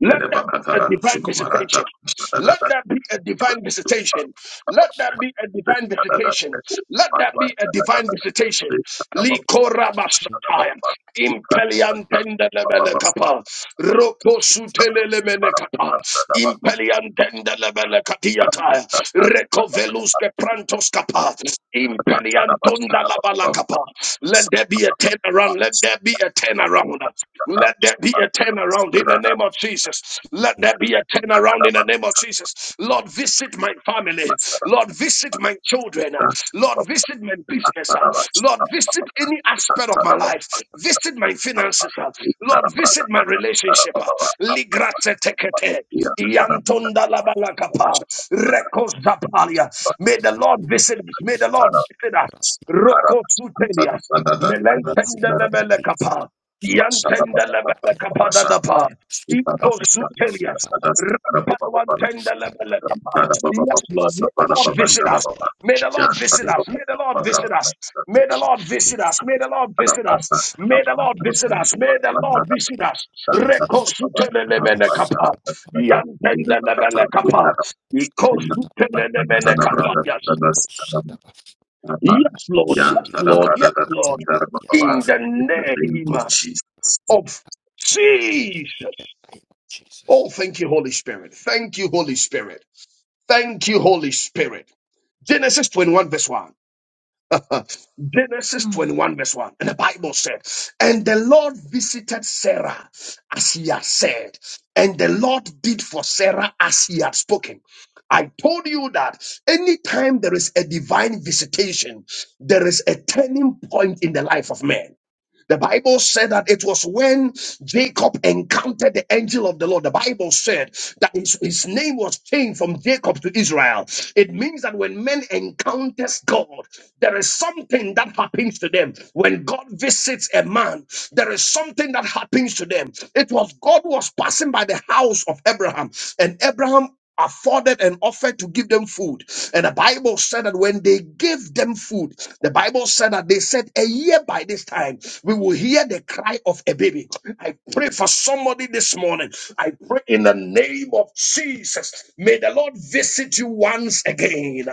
Speaker 1: Let that be a
Speaker 4: Dedebakataradu
Speaker 1: divine visitation.
Speaker 4: shukumaratadadadadadadada.
Speaker 1: Let that be a divine visitation. Let that
Speaker 3: I
Speaker 1: be a divine visitation. Let that be a divine visitation.
Speaker 4: Ikababababa.
Speaker 1: Likorabasataya. Impeliantende lebele
Speaker 4: Ikabababababashtarabababa.
Speaker 1: kapa. Rokosutele lemene kapa. Impeliantende lebele katiyataya. Rekoveluske prantos kapa. Impeliantonda labala kapa. Let there be a turnaround. Let there be be a turnaround. Let there be a turnaround in the name of Jesus. Let there be a turnaround in the name of Jesus. Lord, visit my family. Lord, visit my children. Lord, visit my business. Lord, visit any aspect of my life. Visit my finances. Lord, visit my relationship. Ligrate tekete. Yantonda labalakapa. Rekozapalia. May the Lord visit us. May the Lord
Speaker 4: Iyatarabas.
Speaker 1: visit us. Roko Sutelias,
Speaker 4: Ikarabash.
Speaker 1: Melentendelebele Kapa, Yantendelebele Kapa Dadapa, Ipo Sutelias, Rampanwantendelebele Kapa. Yes, Lord, may the Lord
Speaker 3: Magnification in
Speaker 1: visit
Speaker 3: the
Speaker 1: us.
Speaker 3: name of
Speaker 1: May the
Speaker 3: Jesus.
Speaker 1: Lord visit
Speaker 3: Let
Speaker 1: us.
Speaker 3: there
Speaker 1: May the
Speaker 3: be
Speaker 1: Lord visit us. May the
Speaker 3: magnification
Speaker 1: Lord
Speaker 3: in,
Speaker 1: visit us. May the Lord visit
Speaker 3: in
Speaker 1: us.
Speaker 3: my
Speaker 1: May the
Speaker 3: name,
Speaker 1: Lord visit us. May the
Speaker 3: in
Speaker 1: Lord
Speaker 3: the
Speaker 1: visit
Speaker 3: name
Speaker 1: us.
Speaker 3: of
Speaker 1: Reko
Speaker 3: Jesus. Oh,
Speaker 1: Sutelele Kapa,
Speaker 3: Sabbath, Ilati
Speaker 1: Yantendelebele Kapa, Iko
Speaker 3: Sadaba,
Speaker 1: Sutelele
Speaker 3: Ilati
Speaker 1: Kapa.
Speaker 3: Brandako Sadaba,
Speaker 1: Yes, Lord. Yes,
Speaker 4: Yang
Speaker 3: Sadia,
Speaker 4: tada
Speaker 1: Lord.
Speaker 4: berada
Speaker 1: Yes,
Speaker 4: dalam
Speaker 1: Lord.
Speaker 4: sekitar
Speaker 3: Atepalia,
Speaker 1: In
Speaker 4: Bapak
Speaker 1: the
Speaker 4: in the name
Speaker 1: name
Speaker 4: of Jesus.
Speaker 3: in
Speaker 1: of Jesus.
Speaker 3: the name of
Speaker 1: Oh,
Speaker 3: Jesus.
Speaker 1: thank you, Holy Spirit. Thank you, Holy Spirit. Thank you, Holy Spirit. Genesis 21, verse 1. Genesis
Speaker 6: Hmm.
Speaker 1: 21, verse 1. And the Bible said, And the Lord visited Sarah as he had said, and the Lord did for Sarah as he had spoken. I told you that anytime there is a divine visitation, there is a turning point in the life of man. The Bible said that it was when Jacob encountered the angel of the Lord. The Bible said that his, his name was changed from Jacob to Israel. It means that when men encounters God, there is something that happens to them. When God visits a man, there is something that happens to them. It was God was passing by the house of Abraham, and Abraham afforded and offered to give them food. And the Bible said that when they gave them food, the Bible said that they said, A year by this time, we will hear the cry of a baby. I pray for somebody this morning. I pray in the name of Jesus. May the Lord visit you once again.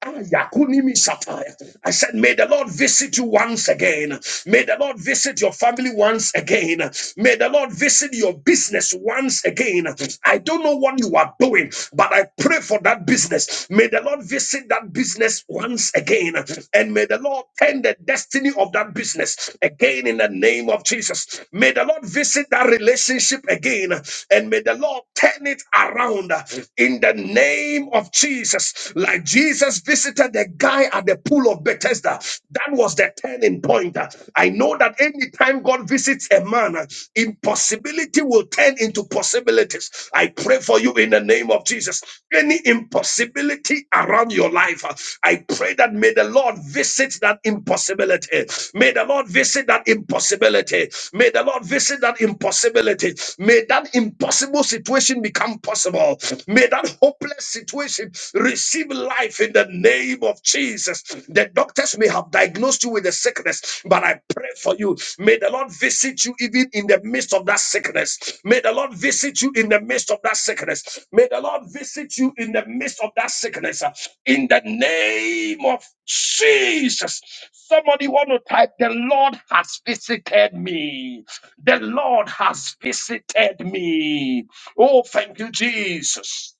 Speaker 1: Ah, Yakunimi Sataya. I said, May the Lord visit you once again. May the Lord visit your family once again. May the Lord visit facing your business once again. I don't know what you are doing, but I pray for that business. May the Lord visit that business once again, and may the Lord turn the destiny of that business again in the name of Jesus. May the Lord visit that relationship again, and may the Lord turn it around in the name of Jesus. Like Jesus visited the guy at the pool of Bethesda, that was the turning point. I know that anytime God visits a man, uh, impossibility will turn into possibilities. I pray for you in the name of Jesus. Any impossibility around your life, uh, I pray that may the Lord visit that impossibility. May the Lord visit that impossibility. May the Lord visit that impossibility. May that impossible situation become possible. May that hopeless situation receive life in the name of Jesus, the doctors may have diagnosed you with a sickness, but I pray for you. May the Lord visit you even in the midst of that sickness. May the Lord visit you in the midst of that sickness. May the Lord visit you in the midst of that sickness. In the name of Jesus. Somebody want to type, the Lord has visited me. The Lord has visited me. Oh, thank you, Jesus.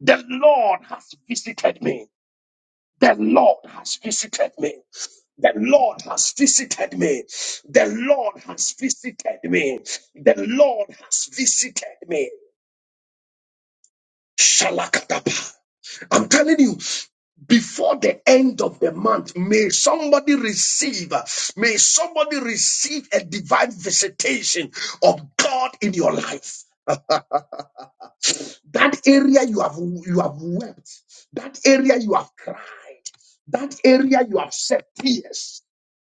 Speaker 1: The Lord has visited me. The Lord has visited me. The Lord has visited me. The Lord has visited me. The Lord has visited me. Shalakatapa. I'm telling you, before the end of the month, may somebody receive, may somebody receive a divine visitation of God in your life. That area you have you have wept, that area you have cried, that area you have shed tears,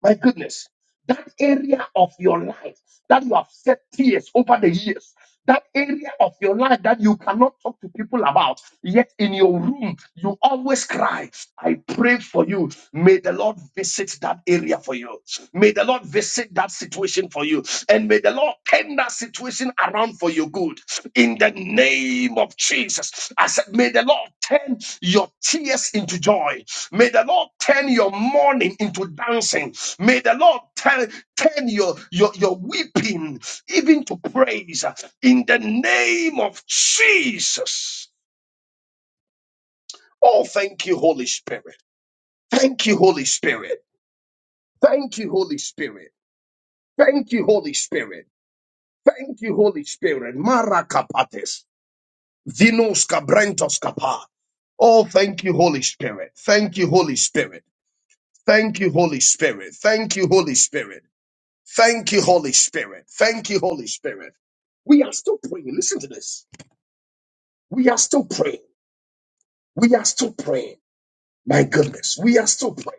Speaker 1: My goodness, that area of your life that you have set tears over the years, that area of your life that you cannot talk to people about, yet in your room you always cry. I pray for you. May the Lord visit that area for you. May the Lord visit that situation for you. And may the Lord turn that situation around for your good in the name of Jesus. I said, May the Lord turn your tears into joy. May the Lord turn your mourning into dancing. May the Lord turn, turn your, your, your weeping even to praise in the name of Jesus. Oh, thank you, Holy Spirit. Thank you, Holy Spirit. Thank you, Holy Spirit. Thank you, Holy Spirit. Thank you, Holy Spirit. Marakapates. Vinos cabrentos Oh, thank you, Holy Spirit. Thank you, Holy Spirit. Thank you, Holy Spirit. Thank you, Holy Spirit. Thank you, Holy Spirit. Thank you, Holy Spirit. We are still praying. Listen to this. We are still praying. We are still praying. My goodness. We are still praying.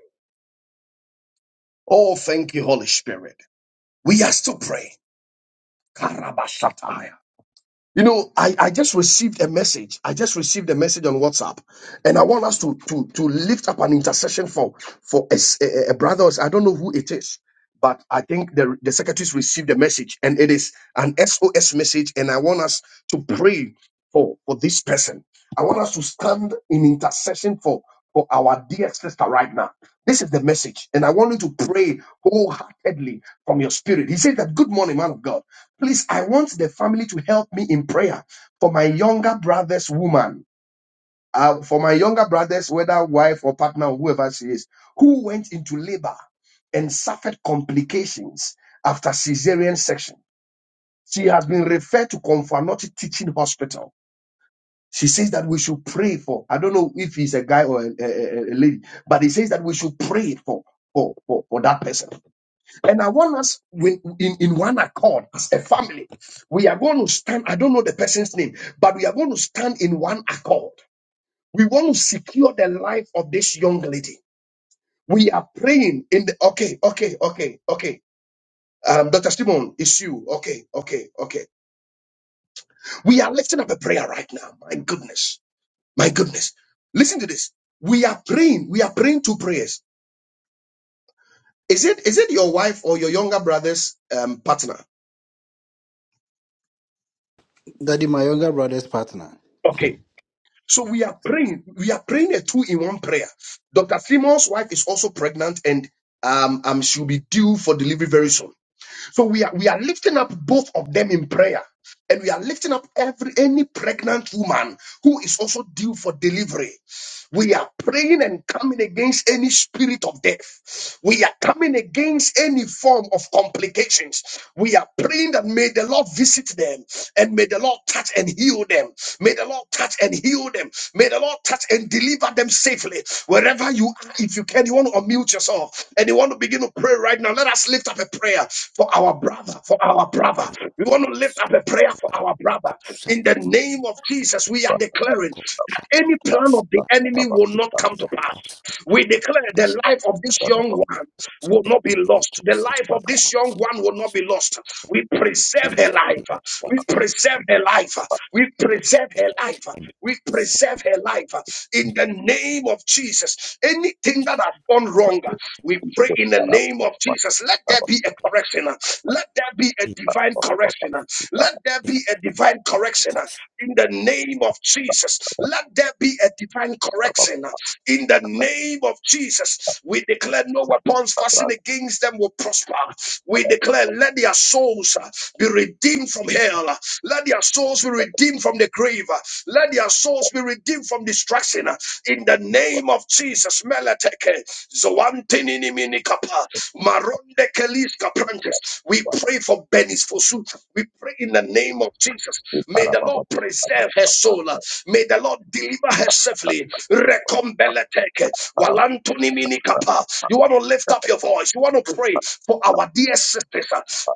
Speaker 1: Oh, thank you, Holy Spirit. We are still praying. Karabashatai. You know, I, I just received a message. I just received a message on WhatsApp, and I want us to to to lift up an intercession for for a, s- a- a brother. or s- I don't know who it is, but I think the the secretaries received the message, and it is an SOS message. And I want us to pray for for this person. I want us to stand in intercession for for our dear sister right now. This is the message, and I want you to pray wholeheartedly from your spirit. He said that. Good morning, man of God. Please, I want the family to help me in prayer for my younger brother's woman, uh, for my younger brother's, whether wife or partner, or whoever she is, who went into labor and suffered complications after cesarean section. She has been referred to Konfanoti Teaching Hospital. She says that we should pray for. I don't know if he's a guy or a, a- a- a lady, but he says that we should pray for for for, for that person. And I want us when, in, in one accord as a family. We are going to stand, I don't know the person's name, but we are going to stand in one accord. We want to secure the life of this young lady. We are praying in the okay, okay, okay, okay. Um, Dr. Simon, it's you. Okay, okay, okay. We are lifting up a prayer right now. My goodness, my goodness. Listen to this. We are praying. We are praying two prayers. Is it is it your wife or your younger brother's um, partner?
Speaker 7: Daddy, my younger brother's partner.
Speaker 1: Okay. So we are praying. We are praying a two in one prayer. Dr. Simon's wife is also pregnant and um, um, she'll be due for delivery very soon. So we are we are lifting up both of them in prayer. And we are lifting up every any pregnant woman who is also due for delivery. We are praying and coming against any spirit of death. We are coming against any form of complications. We are praying that may the Lord visit them and may the Lord touch and heal them. May the Lord touch and heal them. May the Lord touch and deliver them safely. Wherever you are, if you can, you want to unmute yourself and you want to begin to pray right now. Let us lift up a prayer for our brother, for our brother. We want to lift up a prayer for our brother Rabba. In the name of Jesus, we are declaring that any plan of the enemy will not come to pass. We declare the life of this young one will not be lost. The life of this young one will not be lost. We preserve
Speaker 3: Jesus,
Speaker 1: her
Speaker 3: be the
Speaker 1: life.
Speaker 3: mighty
Speaker 1: We
Speaker 3: hand of
Speaker 1: preserve
Speaker 3: the
Speaker 1: her
Speaker 3: Lord
Speaker 1: life.
Speaker 3: Jesus.
Speaker 1: We
Speaker 3: Catch
Speaker 1: preserve
Speaker 3: them
Speaker 1: her life.
Speaker 3: and
Speaker 1: We
Speaker 3: cast them
Speaker 1: preserve her life. In the name of Jesus, anything that has gone wrong, we pray in the name of Jesus. Let let there
Speaker 3: far
Speaker 1: be a correction. Let there be a
Speaker 3: in
Speaker 1: divine correction. Let there
Speaker 3: the name
Speaker 1: be a divine
Speaker 3: of
Speaker 1: correction
Speaker 3: Jesus.
Speaker 1: in the name of Jesus. Let there be a divine correction in the name of Jesus. We declare no weapons fastened against them will prosper. We declare let their souls uh, be redeemed from hell. Let their souls be redeemed from the grave. Let their souls be redeemed from destruction. In the name name of Jesus, Meleteke, Zoantinini minikapa. Maronde Keliska Branches. We pray for Benis Fosu. We pray in the name of Jesus. May the Lord preserve her soul. May the Lord deliver her safely. Rekombeleteke, Walantuni minikapa. You want to lift up your voice. You want to pray for our dear sisters,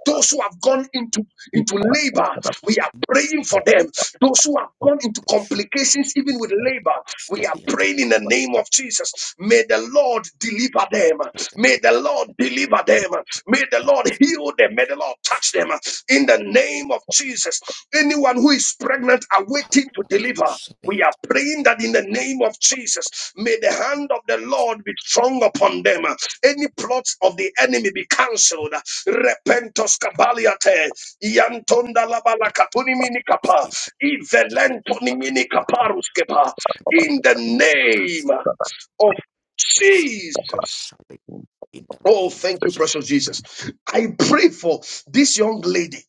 Speaker 1: those who have gone into, into labor. We are
Speaker 3: In the
Speaker 1: praying for them
Speaker 3: body,
Speaker 1: them. Those who have gone into
Speaker 3: construct,
Speaker 1: complications, even with labor, we
Speaker 3: construct
Speaker 1: are
Speaker 3: the attack.
Speaker 1: praying in the name of Jesus. May the Lord deliver them. May the Lord deliver
Speaker 3: In
Speaker 1: them. May the
Speaker 3: the
Speaker 1: Lord heal them. May the Lord
Speaker 3: heart,
Speaker 1: touch them in the name of Jesus. Anyone who is pregnant are waiting to deliver. We are praying that in the name of Jesus, may the hand of the Lord be strong upon them. Any plots of the enemy be cancelled. Repentos cabaliate. Yantonda labala katuni mini kapa. Ivelentoni mini kaparus kepa. In the name of Jesus.
Speaker 3: In the
Speaker 1: Oh,
Speaker 3: name of
Speaker 1: thank you,
Speaker 3: Jesus.
Speaker 1: precious Jesus. I pray for this young lady.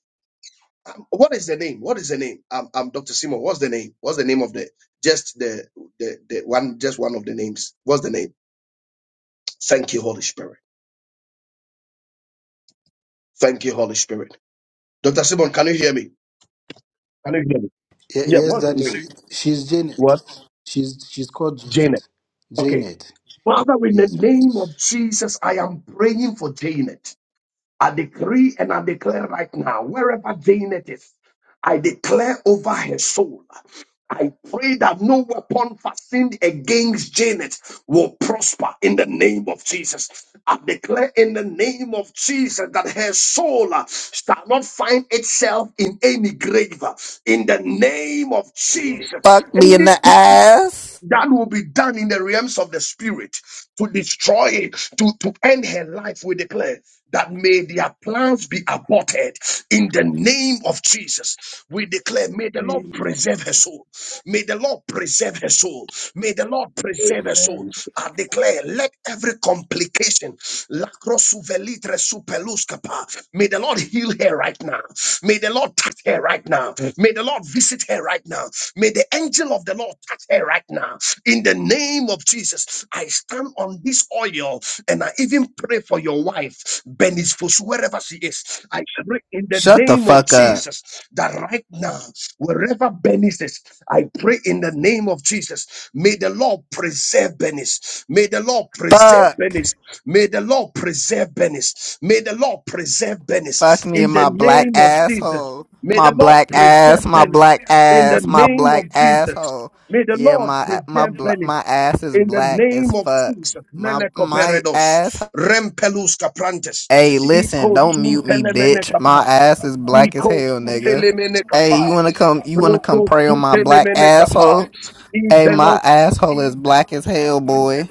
Speaker 1: Um, What is the name? What is the name? Um, um, Dr. Simon. What's the name? What's the name of the just the, the the one just one of the names? What's the name? Thank you, Holy Spirit. Thank you, Holy Spirit. Dr. Simon, can you hear me? Can you hear me?
Speaker 7: Ye-
Speaker 1: Yeah.
Speaker 7: yes,
Speaker 1: What's the
Speaker 7: Daddy.
Speaker 1: name?
Speaker 7: She, she's Janet.
Speaker 1: What?
Speaker 7: She's she's called
Speaker 1: Janet.
Speaker 7: Janet.
Speaker 1: Okay.
Speaker 7: Janet.
Speaker 1: Father, in the
Speaker 7: Yes.
Speaker 1: name of Jesus, I am praying for Janet. I decree and I declare right now, wherever Janet is, I declare over her soul. I pray that no weapon fashioned against Janet will prosper in the name of Jesus. I declare in the name of Jesus that her soul uh, shall not find itself in any grave. uh, In the name of Jesus,
Speaker 8: Fuck me in the
Speaker 1: anything
Speaker 8: ass.
Speaker 1: that will be done in the realms of the spirit to destroy it, to, to end her life, we declare. That may their plans be aborted in the name of Jesus. We declare, may the Lord preserve her soul. May the Lord preserve her soul. May the Lord preserve her soul.
Speaker 7: Um,
Speaker 1: I declare, let every complication, lacrosuvelitre superluscapa, may the Lord heal her right now. May the Lord touch her right now. May the Lord visit her right right now. May the angel of the Lord touch her right now. In the name of Jesus, I stand on this oil and I even pray for your wife, Benis Fosu, wherever she is. I pray in the
Speaker 8: Shut the
Speaker 1: name of
Speaker 8: fuck up.
Speaker 1: Jesus that right now, wherever Benis is, I pray in the name of Jesus. May the Lord preserve Benis. May the Lord preserve
Speaker 8: Fuck.
Speaker 1: Benis. May the Lord preserve Benis. May the Lord preserve
Speaker 8: Fuck
Speaker 1: Benis.
Speaker 8: me
Speaker 1: In
Speaker 8: in
Speaker 1: the
Speaker 8: my black
Speaker 1: name of Jesus.
Speaker 8: asshole.
Speaker 1: May
Speaker 8: My
Speaker 1: the Lord
Speaker 8: black
Speaker 1: preserve
Speaker 8: ass. My
Speaker 1: Benis
Speaker 8: black
Speaker 1: in the
Speaker 8: ass. My
Speaker 1: name of
Speaker 8: black
Speaker 1: Jesus.
Speaker 8: asshole.
Speaker 1: May the
Speaker 8: Yeah,
Speaker 1: Lord
Speaker 8: my my
Speaker 1: preserve
Speaker 8: bla-
Speaker 1: Benin
Speaker 8: my ass is
Speaker 1: in the
Speaker 8: black as
Speaker 1: name of
Speaker 8: fuck.
Speaker 1: Jesus.
Speaker 8: My my ass.
Speaker 1: Melekoperedos, rempelus caprantes,
Speaker 8: Hey, listen.
Speaker 1: liko
Speaker 8: Don't
Speaker 1: tun
Speaker 8: mute me,
Speaker 1: telemene
Speaker 8: bitch. My
Speaker 1: kapa,
Speaker 8: ass is black as
Speaker 1: liko
Speaker 8: hell,
Speaker 1: su
Speaker 8: nigga.
Speaker 1: telemene
Speaker 8: Hey, you
Speaker 1: kapa,
Speaker 8: wanna come? You wanna come
Speaker 1: roko
Speaker 8: pray
Speaker 1: su
Speaker 8: on my black
Speaker 1: telemene kapa,
Speaker 8: asshole? Hey, my
Speaker 1: izelopes,
Speaker 8: asshole is black as hell, boy.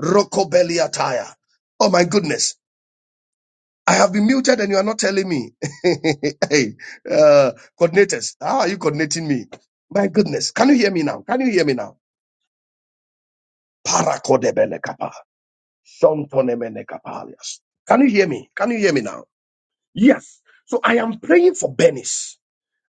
Speaker 1: roko beliataya. Oh my goodness. I have been muted and you are not telling me. hey, uh, coordinators, how are you coordinating me? My goodness. Can you hear me now? Can you hear me now? Parakodebelekapa. Shontonemenekapalias. Can you hear me? Can you hear me now? Yes. So I am praying for Benis.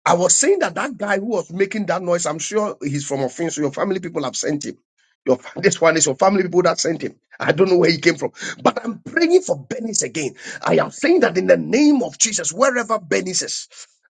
Speaker 1: I was saying that that guy who was making that noise, I'm sure he's from Offense. So your family people have sent him. Your, this one is your family people that sent him. I don't know where he came from. But I'm praying for Benis again. I am saying that in the name of Jesus, wherever Benis is.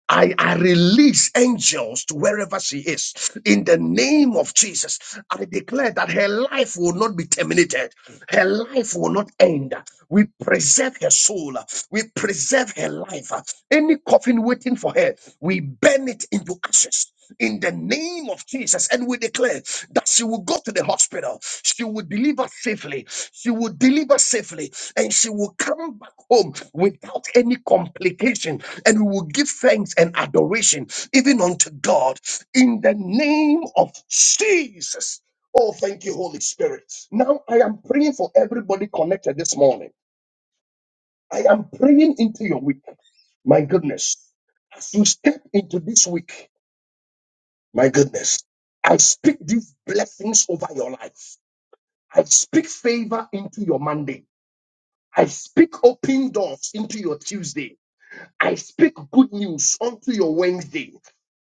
Speaker 1: I, I release angels to wherever she is in the name of Jesus. I declare that her life will not be terminated, her life will not end. We preserve her soul, we preserve her life. Any coffin waiting for her, we burn it into ashes in the name of Jesus. And we declare that she will go to the hospital, she will deliver safely, she will deliver safely, and she will come back home without any complication. And we will give thanks and adoration even unto God in the name of Jesus. Oh, thank you, Holy Spirit. Now I am praying for everybody connected this morning. I am praying into your week. My goodness. As you step into this week, my goodness. I speak these blessings over your life. I speak favor into your Monday. I speak open doors into your Tuesday. I speak good news onto your Wednesday.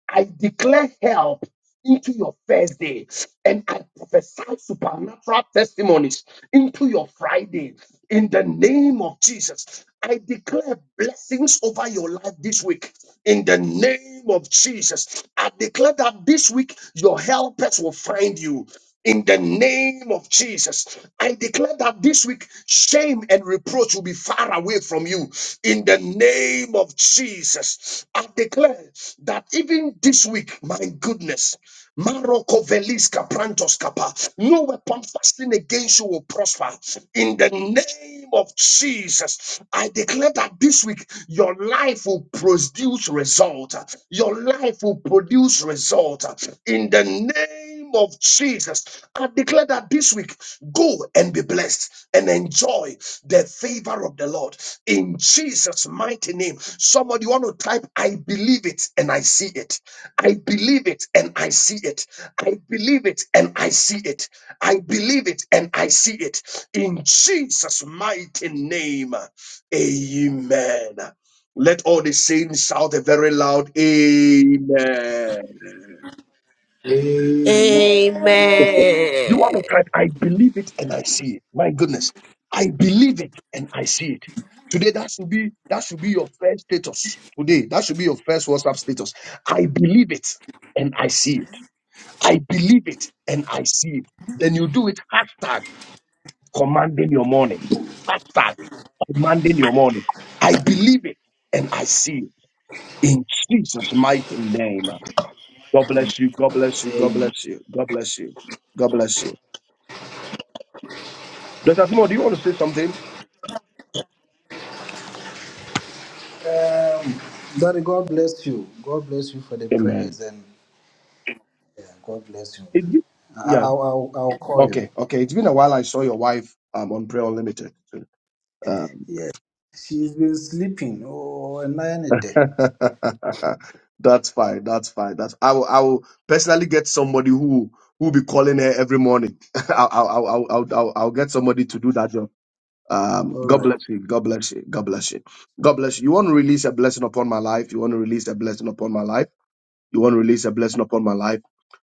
Speaker 1: I declare help into your first day and I prophesy supernatural testimonies into your Friday in the name of Jesus. I declare blessings over your life this week in the name of Jesus. I declare that this week your helpers will find you. In the name of Jesus, I declare that this week shame and reproach will be far away from you. In the name of Jesus, I declare that even this week, my goodness, Maroko Veliska Prantos Kappa, no weapon fasting against you will prosper. In the name of Jesus, I declare that this week your life will produce result. Your life will produce result. In the name name of Jesus, I declare that this week, go and be blessed and enjoy the favor of the Lord in Jesus' mighty name. Somebody want to type, I believe it and I see it. I believe it and I see it. I believe it and I see it. I believe it and I see it in Jesus' mighty name. Amen. Let all the saints shout a very loud Amen. You want
Speaker 9: Amen.
Speaker 1: to cry? I believe it and I see it. My goodness, I believe it and I see it. Today, that should be that should be your first status. Today, that should be your first WhatsApp status. I believe it and I see it. I believe it and I see it. Then you do it hashtag commanding your morning. Hashtag commanding your morning. I believe it and I see it in Jesus' mighty name. God bless you. God bless you. God bless you. God bless you. God bless you. Dr. Simon, do you want to say something?
Speaker 7: Daddy, God bless you. God bless you for the
Speaker 1: Amen.
Speaker 7: prayers and yeah, God bless you.
Speaker 1: It be-
Speaker 7: I,
Speaker 1: yeah.
Speaker 7: I'll, I'll I'll call you.
Speaker 1: Okay. Okay. It's been a while. I saw your wife um, on Prayer Unlimited. Um,
Speaker 7: Yes. She's been sleeping. Oh, and I need day.
Speaker 1: that's fine. That's fine. That's I will. I will personally get somebody who who will be calling her every morning. I'll, I'll, I'll, I'll, I'll, I'll I'll get somebody to do that job. Um, God bless you. God bless you. God bless you. God bless you. You want to release a blessing upon my life. You want to release a blessing upon my life. You want to release a blessing upon my life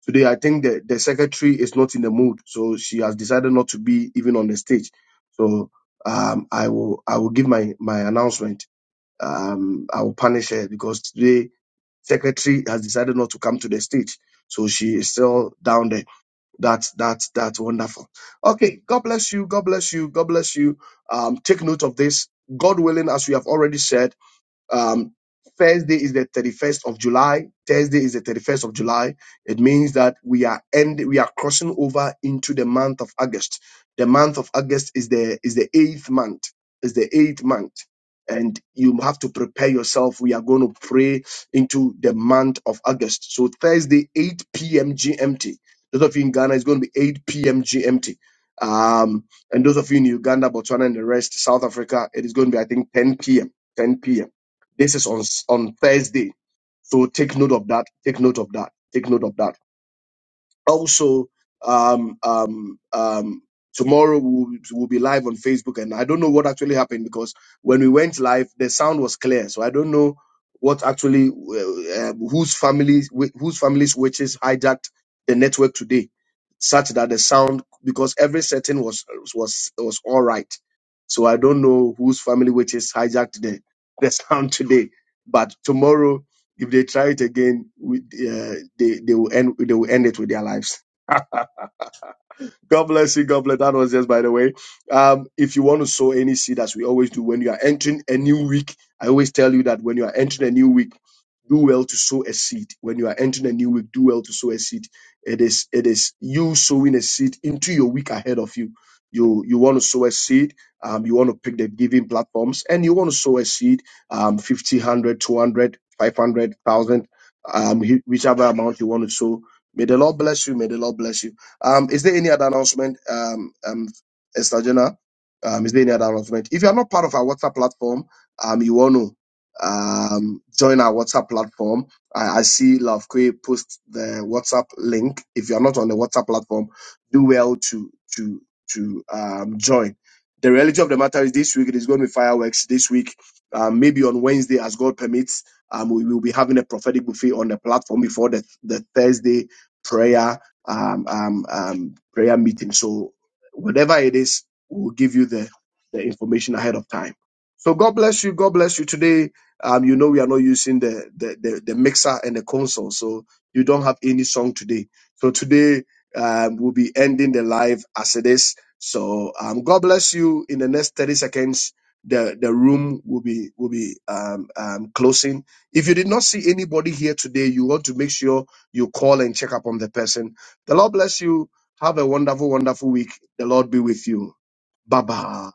Speaker 1: Today, I think the, the secretary is not in the mood, so she has decided not to be even on the stage. So um, I will I will give my my announcement. Um, I will punish her because today secretary has decided not to come to the stage, so she is still down there. That's that's that's wonderful. Okay, God bless you. God bless you. God bless you. Um, take note of this. God willing, as we have already said um, Thursday is the 31st of July. Thursday is the 31st of July. It means that we are end, we are crossing over into the month of August. The month of August is the is the eighth month. Is the eighth month. And you have to prepare yourself. We are going to pray into the month of August. So Thursday, 8 p.m. GMT. Those of you in Ghana, it's going to be 8 p.m. GMT. Um, and those of you in Uganda, Botswana, and the rest, South Africa, it is going to be, I think, 10 p.m. 10 p.m. This is on s- on Thursday, so take note of that. Take note of that. Take note of that also um um um tomorrow we'll, we'll be live on facebook and i don't know what actually happened because when we went live the sound was clear so i don't know what actually uh, um, whose families wh- whose families witches hijacked the network today such that the sound because every setting was was was all right so i don't know whose family witches hijacked the the sound today but tomorrow if they try it again, with, uh, they they will end they will end it with their lives. God bless you. God bless. That was just by the way. Um, if you want to sow any seed, as we always do, when you are entering a new week, I always tell you that when you are entering a new week, do well to sow a seed. When you are entering a new week, do well to sow a seed. It is it is you sowing a seed into your week ahead of you. You you want to sow a seed. Um, you want to pick the giving platforms, and you want to sow a seed. Um, 50, one hundred, two hundred, five hundred, one thousand, um, whichever amount you want to sow. May the Lord bless you. May the Lord bless you. Um, is there any other announcement, um, um, Esther Jenna? Um, is there any other announcement? If you are not part of our WhatsApp platform, um, you want to um, join our WhatsApp platform. I, I see Love Kwe post the WhatsApp link. If you are not on the WhatsApp platform, do well to to to um, join. The reality of the matter is this week it is going to be fireworks. This week, um, maybe on Wednesday, as God permits, um, we will be having a prophetic buffet on the platform before the, the Thursday prayer um, um, um, prayer meeting. So whatever it is, we'll give you the, the information ahead of time. So God bless you. God bless you today. Um, you know we are not using the the, the, the mixer and the console, so you don't have any song today. So today um, we'll be ending the live as it is. So um, God bless you. In the next thirty seconds, the the room will be will be um, um, closing. If you did not see anybody here today, you want to make sure you call and check up on the person the Lord bless you. Have a wonderful, wonderful week. The Lord be with you. Bye bye.